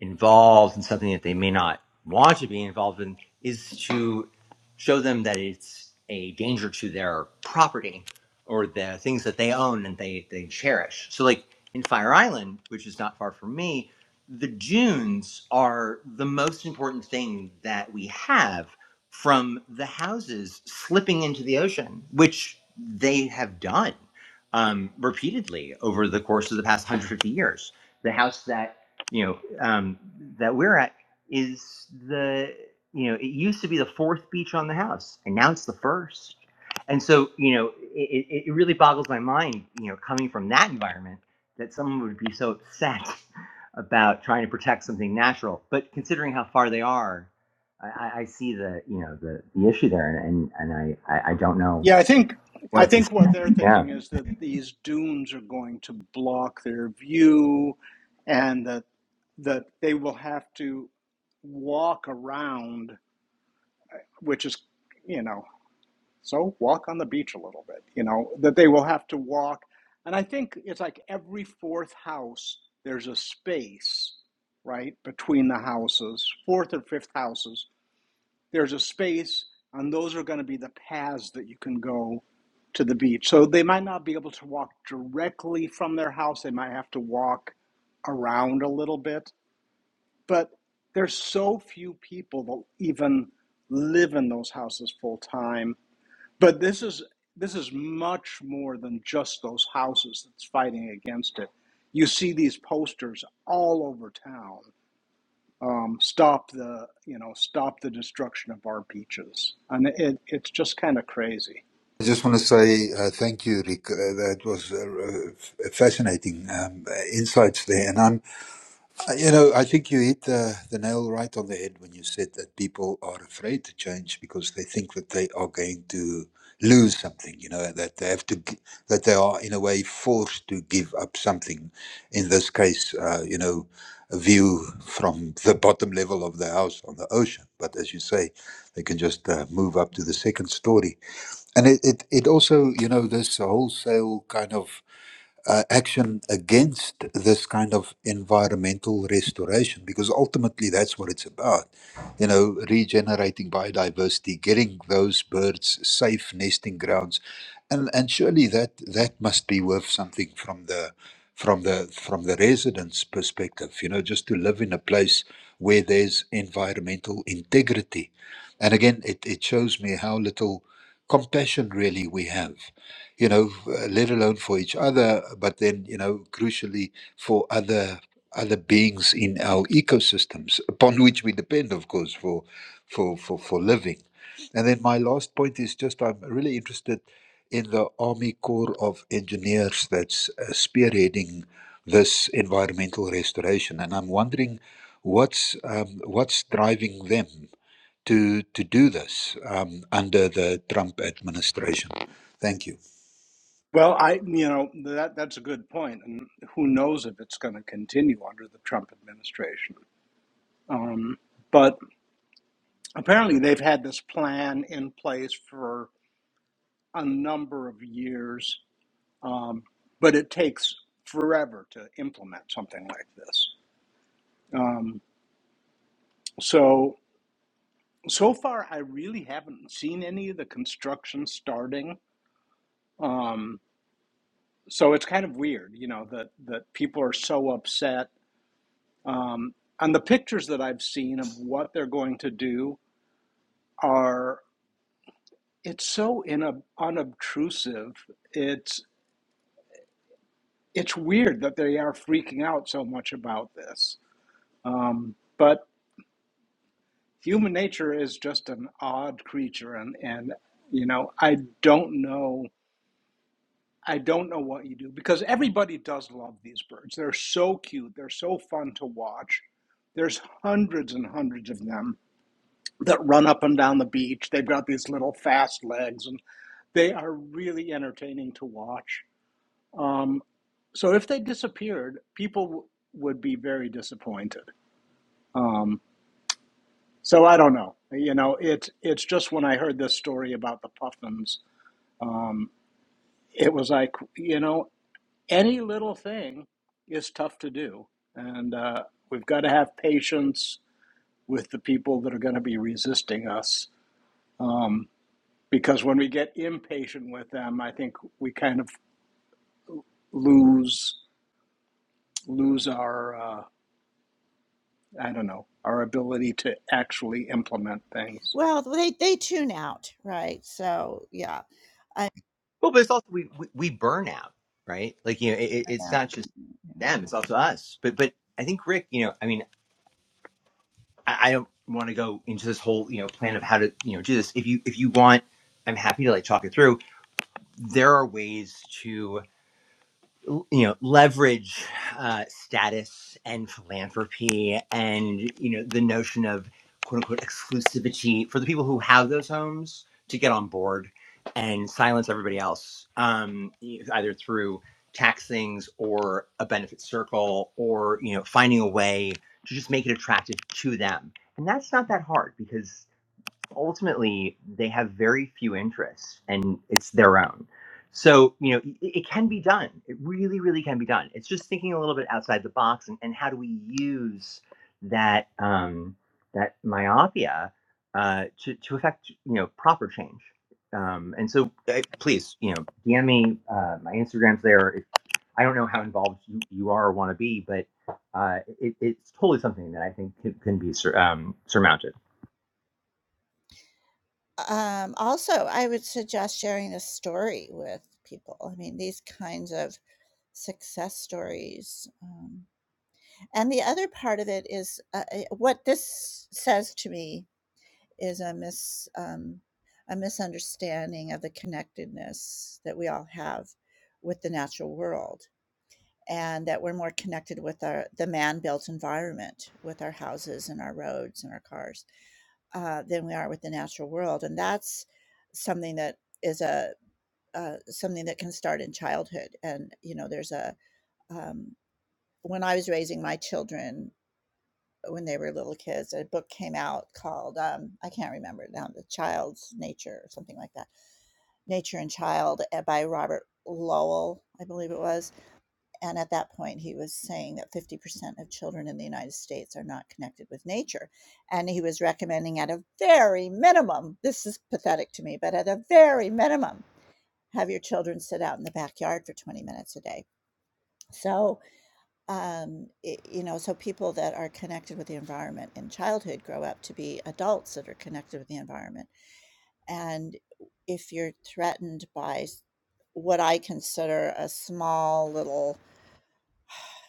involved in something that they may not want to be involved in is to show them that it's a danger to their property or the things that they own and they they cherish. So like in Fire Island, which is not far from me, the dunes are the most important thing that we have from the houses slipping into the ocean, which they have done um, repeatedly over the course of the past 150 years. The house that you know um, that we're at is the you know it used to be the fourth beach on the house, and now it's the first. And so you know it, it it really boggles my mind, you know, coming from that environment that someone would be so upset about trying to protect something natural. But considering how far they are, I, I- see the you know the, the issue there, and and, and I, I I don't know
Yeah, I think I
what to. say.
think what they're
Yeah.
thinking is that these dunes are going to block their view, and that that they will have to walk around, which is you know, so walk on the beach a little bit. You know that they will have to walk, and I think it's like every fourth house there's a space right between the houses, fourth or fifth houses there's a space, and those are going to be the paths that you can go to the beach. So they might not be able to walk directly from their house, they might have to walk around a little bit. But there's so few people that even live in those houses full time. But this is this is much more than just those houses that's fighting against it. You see these posters all over town um, stop the you know stop the destruction of our beaches and it, it's just kind of crazy
I just want to say uh, thank you, Rick. Uh, that was uh, uh, f- fascinating um, uh, insights there. and I'm Uh, You know, I think you hit the, the nail right on the head when you said that people are afraid to change because they think that they are going to lose something. You know, that they have to, g- that they are in a way forced to give up something. In this case, uh, you know, a view from the bottom level of the house on the ocean. But as you say, they can just uh, move up to the second story. And it, it, it also, you know, this wholesale kind of uh, action against this kind of environmental restoration because ultimately that's what it's about you know regenerating biodiversity getting those birds safe nesting grounds and and surely that that must be worth something from the from the from the residents perspective you know just to live in a place where there's environmental integrity and again it, it shows me how little compassion really we have you know, uh, let alone for each other, but then, you know, crucially for other other beings in our ecosystems upon which we depend, of course, for for for, for living. And then my last point is just I'm really interested in the Army Corps of Engineers that's uh, spearheading this environmental restoration, and I'm wondering what's um, what's driving them to to do this um, under the Trump administration. Thank you.
well i you know that that's a good point and who knows if it's going to continue under the trump administration um, but apparently they've had this plan in place for a number of years um, but it takes forever to implement something like this um, so so far i really haven't seen any of the construction starting Um, so it's kind of weird, you know, that that people are so upset. Um, and the pictures that I've seen of what they're going to do are it's so in unobtrusive. It's it's weird that they are freaking out so much about this. Um, but human nature is just an odd creature, and and you know, I don't know I don't know what you do because everybody does love these birds. They're so cute. They're so fun to watch. There's hundreds and hundreds of them that run up and down the beach. They've got these little fast legs and they are really entertaining to watch. Um, so if they disappeared, people w- would be very disappointed. Um, so I don't know. You know, it's it's just when I heard this story about the puffins, um, it was like, you know, any little thing is tough to do. And uh, we've got to have patience with the people that are going to be resisting us. Um, because when we get impatient with them, I think we kind of lose lose our uh, I don't know our ability to actually implement things.
Well, they they tune out, right? So, yeah. I,
Well, but it's also we we, we burn out, right? Like you know, it- it's
yeah.
not just them; it's also us. But but I think Rick, you know, I mean, I, I don't want to go into this whole you know plan of how to you know do this. If you if you want, I'm happy to like talk it through. There are ways to. you know leverage uh, status and philanthropy and you know the notion of quote unquote exclusivity for the people who have those homes to get on board and silence everybody else um, e- either through tax things or a benefit circle or you know finding a way to just make it attractive to them and that's not that hard because ultimately they have very few interests and it's their own. So, you know, it, it can be done. It really, really can be done. It's just thinking a little bit outside the box and, and how do we use that um, that myopia uh, to, to affect, you know, proper change. Um, and so uh, please, you know, DM me, uh, my Instagram's there. If, I don't know how involved you, you are or want to be, but uh, it, it's totally something that I think can, can be sur- um, surmounted.
Um, also, I would suggest sharing a story with people. I mean, these kinds of success stories. Um, And the other part of it is uh, uh, what this says to me is a mis um, a misunderstanding of the connectedness that we all have with the natural world, and that we're more connected with our the man-built environment, with our houses and our roads and our cars, uh, than we are with the natural world, and that's something that is a uh, something that can start in childhood. And you know, there's a um, when I was raising my children, when they were little kids. A book came out called um, I can't remember now, the Child's Nature or something like that, Nature and Child uh, by Robert Lowell, I believe it was. And at that point, he was saying that 50% of children in the United States are not connected with nature. And he was recommending at a very minimum, this is pathetic to me, but at a very minimum, have your children sit out in the backyard for 20 minutes a day. So um, i you know, so people that are connected with the environment in childhood grow up to be adults that are connected with the environment. And if you're threatened by s- what I consider a small little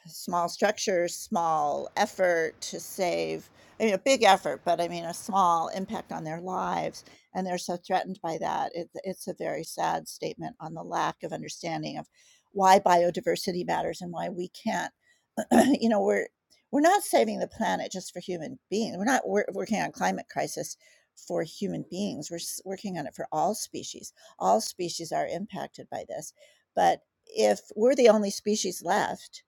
small structures, small effort to save, I mean, a big effort, but I mean, a small impact on their lives. And they're so threatened by that. It, it's a very sad statement on the lack of understanding of why biodiversity matters and why we can't, [clears throat] you know, we're, we're not saving the planet just for human beings. We're not wor- working on climate crisis for human beings. We're s- working on it for all species. All species are impacted by this. But if we're the only species left,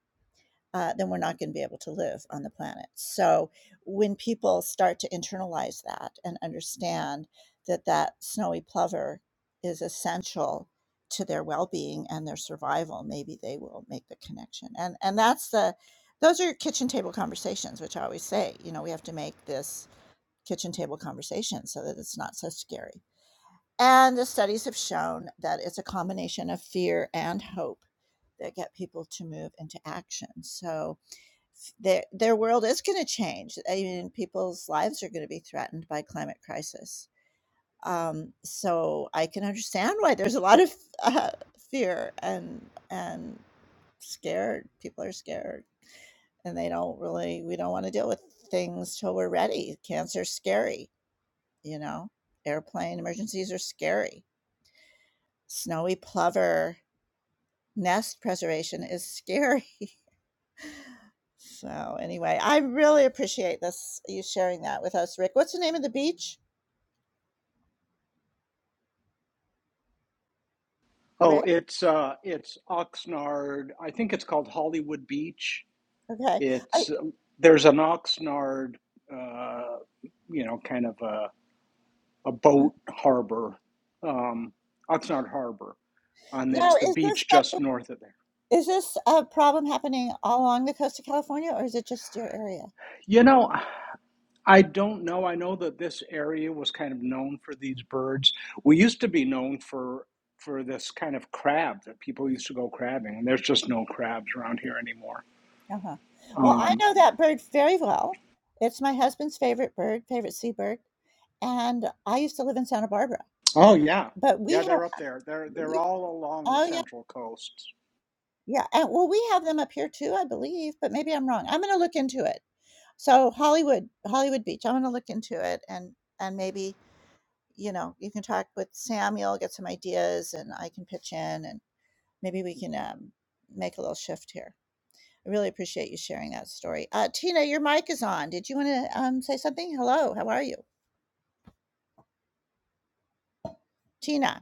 uh, then we're not going to be able to live on the planet. So when people start to internalize that and understand that that snowy plover is essential to their well-being and their survival, maybe they will make the connection. And and that's the those are kitchen table conversations, which I always say, you know, we have to make this kitchen table conversation so that it's not so scary. And the studies have shown that it's a combination of fear and hope that get people to move into action. So their their world is going to change. I mean, people's lives are going to be threatened by climate crisis. Um, so I can understand why there's a lot of uh, fear and and scared. People are scared, and they don't really. We don't want to deal with things till we're ready. Cancer's scary, you know. Airplane emergencies are scary. Snowy plover nest preservation is scary. [laughs] So anyway, I really appreciate this you sharing that with us, Rick. What's the name of the beach?
Oh,
Rick.
it's uh, it's Oxnard. I think it's called Hollywood Beach.
Okay. I
It's there's an Oxnard uh, you know, kind of a a boat harbor, um, Oxnard Harbor, and
now
it's the
is this
beach
stuff-
just north of there.
is this a problem happening all along the coast of California or is it just your area?
You know, I don't know. I know that this area was kind of known for these birds. We used to be known for for this kind of crab that people used to go crabbing, and there's just no crabs around here anymore.
Uh-huh. Well, I
Um,
know that bird very well. It's my husband's favorite bird, favorite seabird, and I used to live in Santa Barbara,
oh yeah,
but we
yeah,
have
they're up there. They're they're
we
all along the
Oh, yeah,
central coast.
yeah, and well, we have them up here too, I believe, but maybe I'm wrong. I'm gonna look into it. So Hollywood Hollywood Beach, I'm gonna look into it and and maybe, you know, you can talk with Samuel, get some ideas, and I can pitch in, and maybe we can, um, make a little shift here. I really appreciate you sharing that story. Uh, Tina, your mic is on. Did you want to um, say something? Hello, how are you? Tina.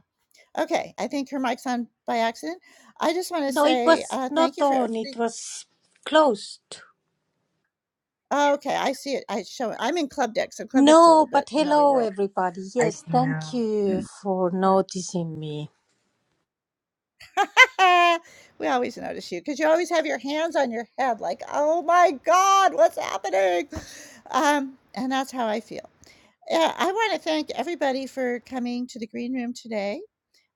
Okay, I think her mic's on by accident. I just want to
No, it
say
was
uh, thank
not
you for
on,
everything.
it was closed.
Oh, okay, I see it. I show it. I'm in Club Deck, so Club Deck's a
No,
little bit
but
another
hello
world.
everybody.
I
Yes, thank
know.
you
Mm.
for noticing me.
Yeah. [laughs] we always notice you because you always have your hands on your head, like, oh my God, what's happening? Um, and that's how I feel. Yeah, I want to thank everybody for coming to the green room today.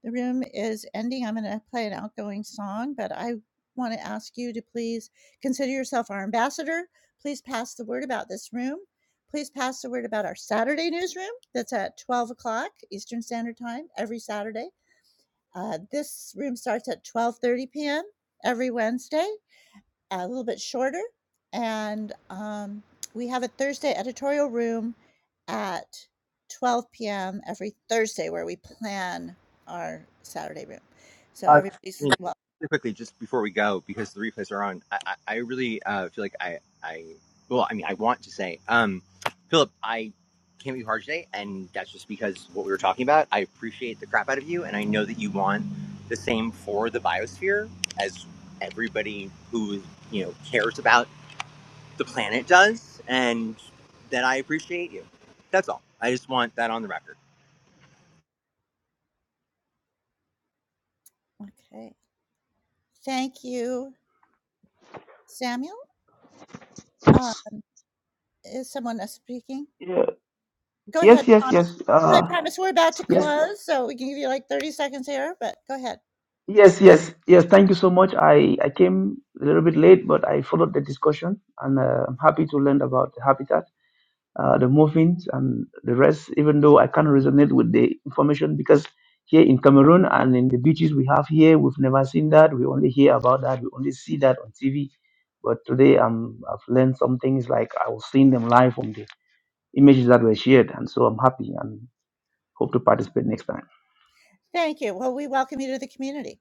The room is ending. I'm going to play an outgoing song, but I want to ask you to please consider yourself our ambassador. Please pass the word about this room. Please pass the word about our Saturday newsroom that's at 12 o'clock Eastern Standard Time every Saturday. Uh, this room starts at 12:30 p.m. every Wednesday a little bit shorter, and, um, we have a Thursday editorial room at 12 PM every Thursday where we plan our Saturday room. So
Uh,
everybody's
mm,
well.
really quickly, just before we go, because the replays are on, I, I, I really uh, feel like I, I, well, I mean, I want to say, um, Philip, I can't be hard today, and that's just because what we were talking about. I appreciate the crap out of you, and I know that you want the same for the biosphere as everybody who you know cares about the planet does, and that I appreciate you. That's all. I just want that on the record.
Okay. Thank you, Samuel. Um, is someone else speaking?
Yeah.
Go
Yes,
ahead,
yes,
Promise.
yes.
Hi,
Uh,
Promise. We're about to
yes,
close, so we can give you like 30 seconds here, but go ahead.
yes, yes, yes. Thank you so much. I, I came a little bit late, but I followed the discussion and uh, I'm happy to learn about the habitat, uh, the movements, and the rest, even though I can't resonate with the information because here in Cameroon and in the beaches we have here, we've never seen that. We only hear about that. We only see that on TV. But today um, I've learned some things like I was seeing them live from the images that were shared. And so I'm happy and hope to participate next time.
Thank you. Well, we welcome you to the community.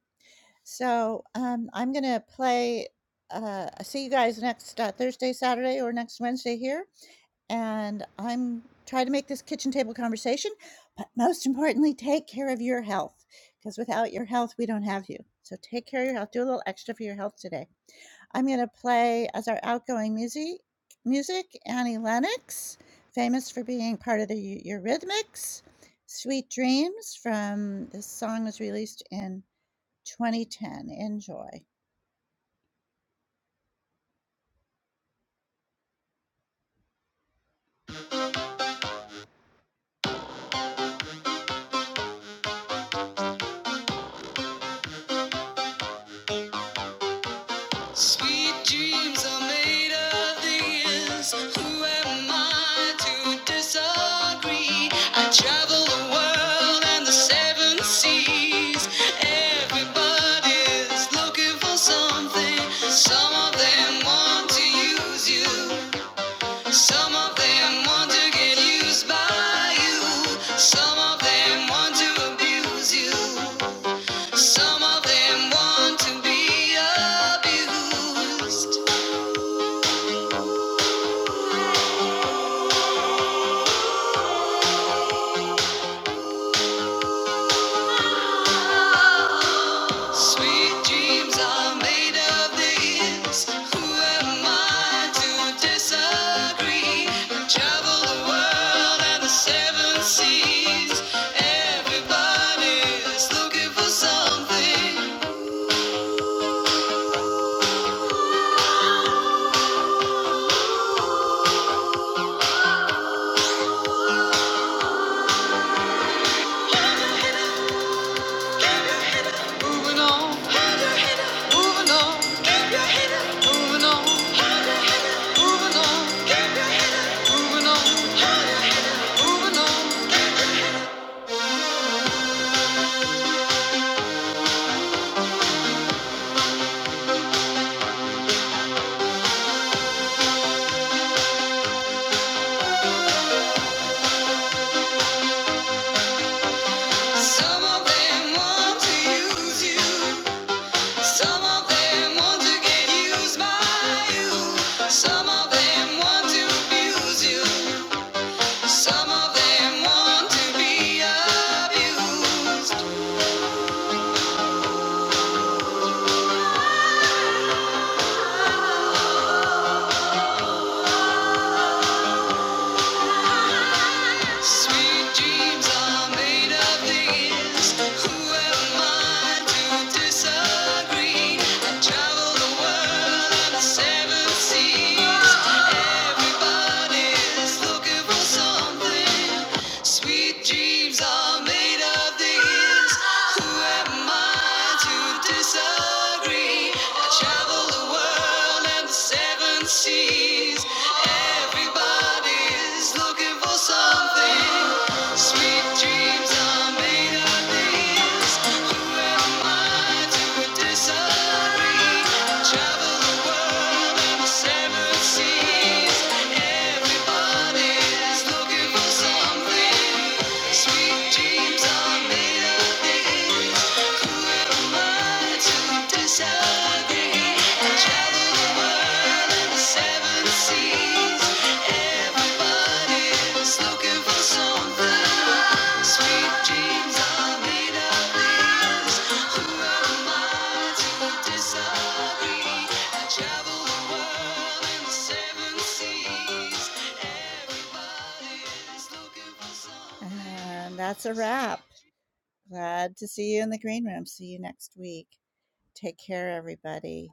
So, um, I'm gonna play. Uh, see you guys next uh, Thursday, Saturday, or next Wednesday here, and I'm trying to make this kitchen table conversation. But most importantly, take care of your health, because without your health, we don't have you. So take care of your health. Do a little extra for your health today. I'm gonna play as our outgoing music, music Annie Lennox, famous for being part of the Eu- Eurythmics. Sweet Dreams from this song was released in 2010. Enjoy. Sweet dreams are made of these. Who am I to disagree? I travel the world and the seven seas. Everybody's looking for something. Some of them want to use you. Some of them want to get used by you. Some of them want to abuse you. Some of them want to be abused. Sweet dreams are made of this. Who am I to disagree? The world and the seven seas. Everybody's looking for something. Moving on, moving on, moving on, moving on. Some of them want to use you, buy you, so abuse you. Sweet dreams are made of these. Who am I to disagree? travel the world and the seven seas. Everybody looking for something. Travel the world in the seven seas. Everybody is And that's a wrap. Glad to see you in the green room. See you next week. Take care, everybody.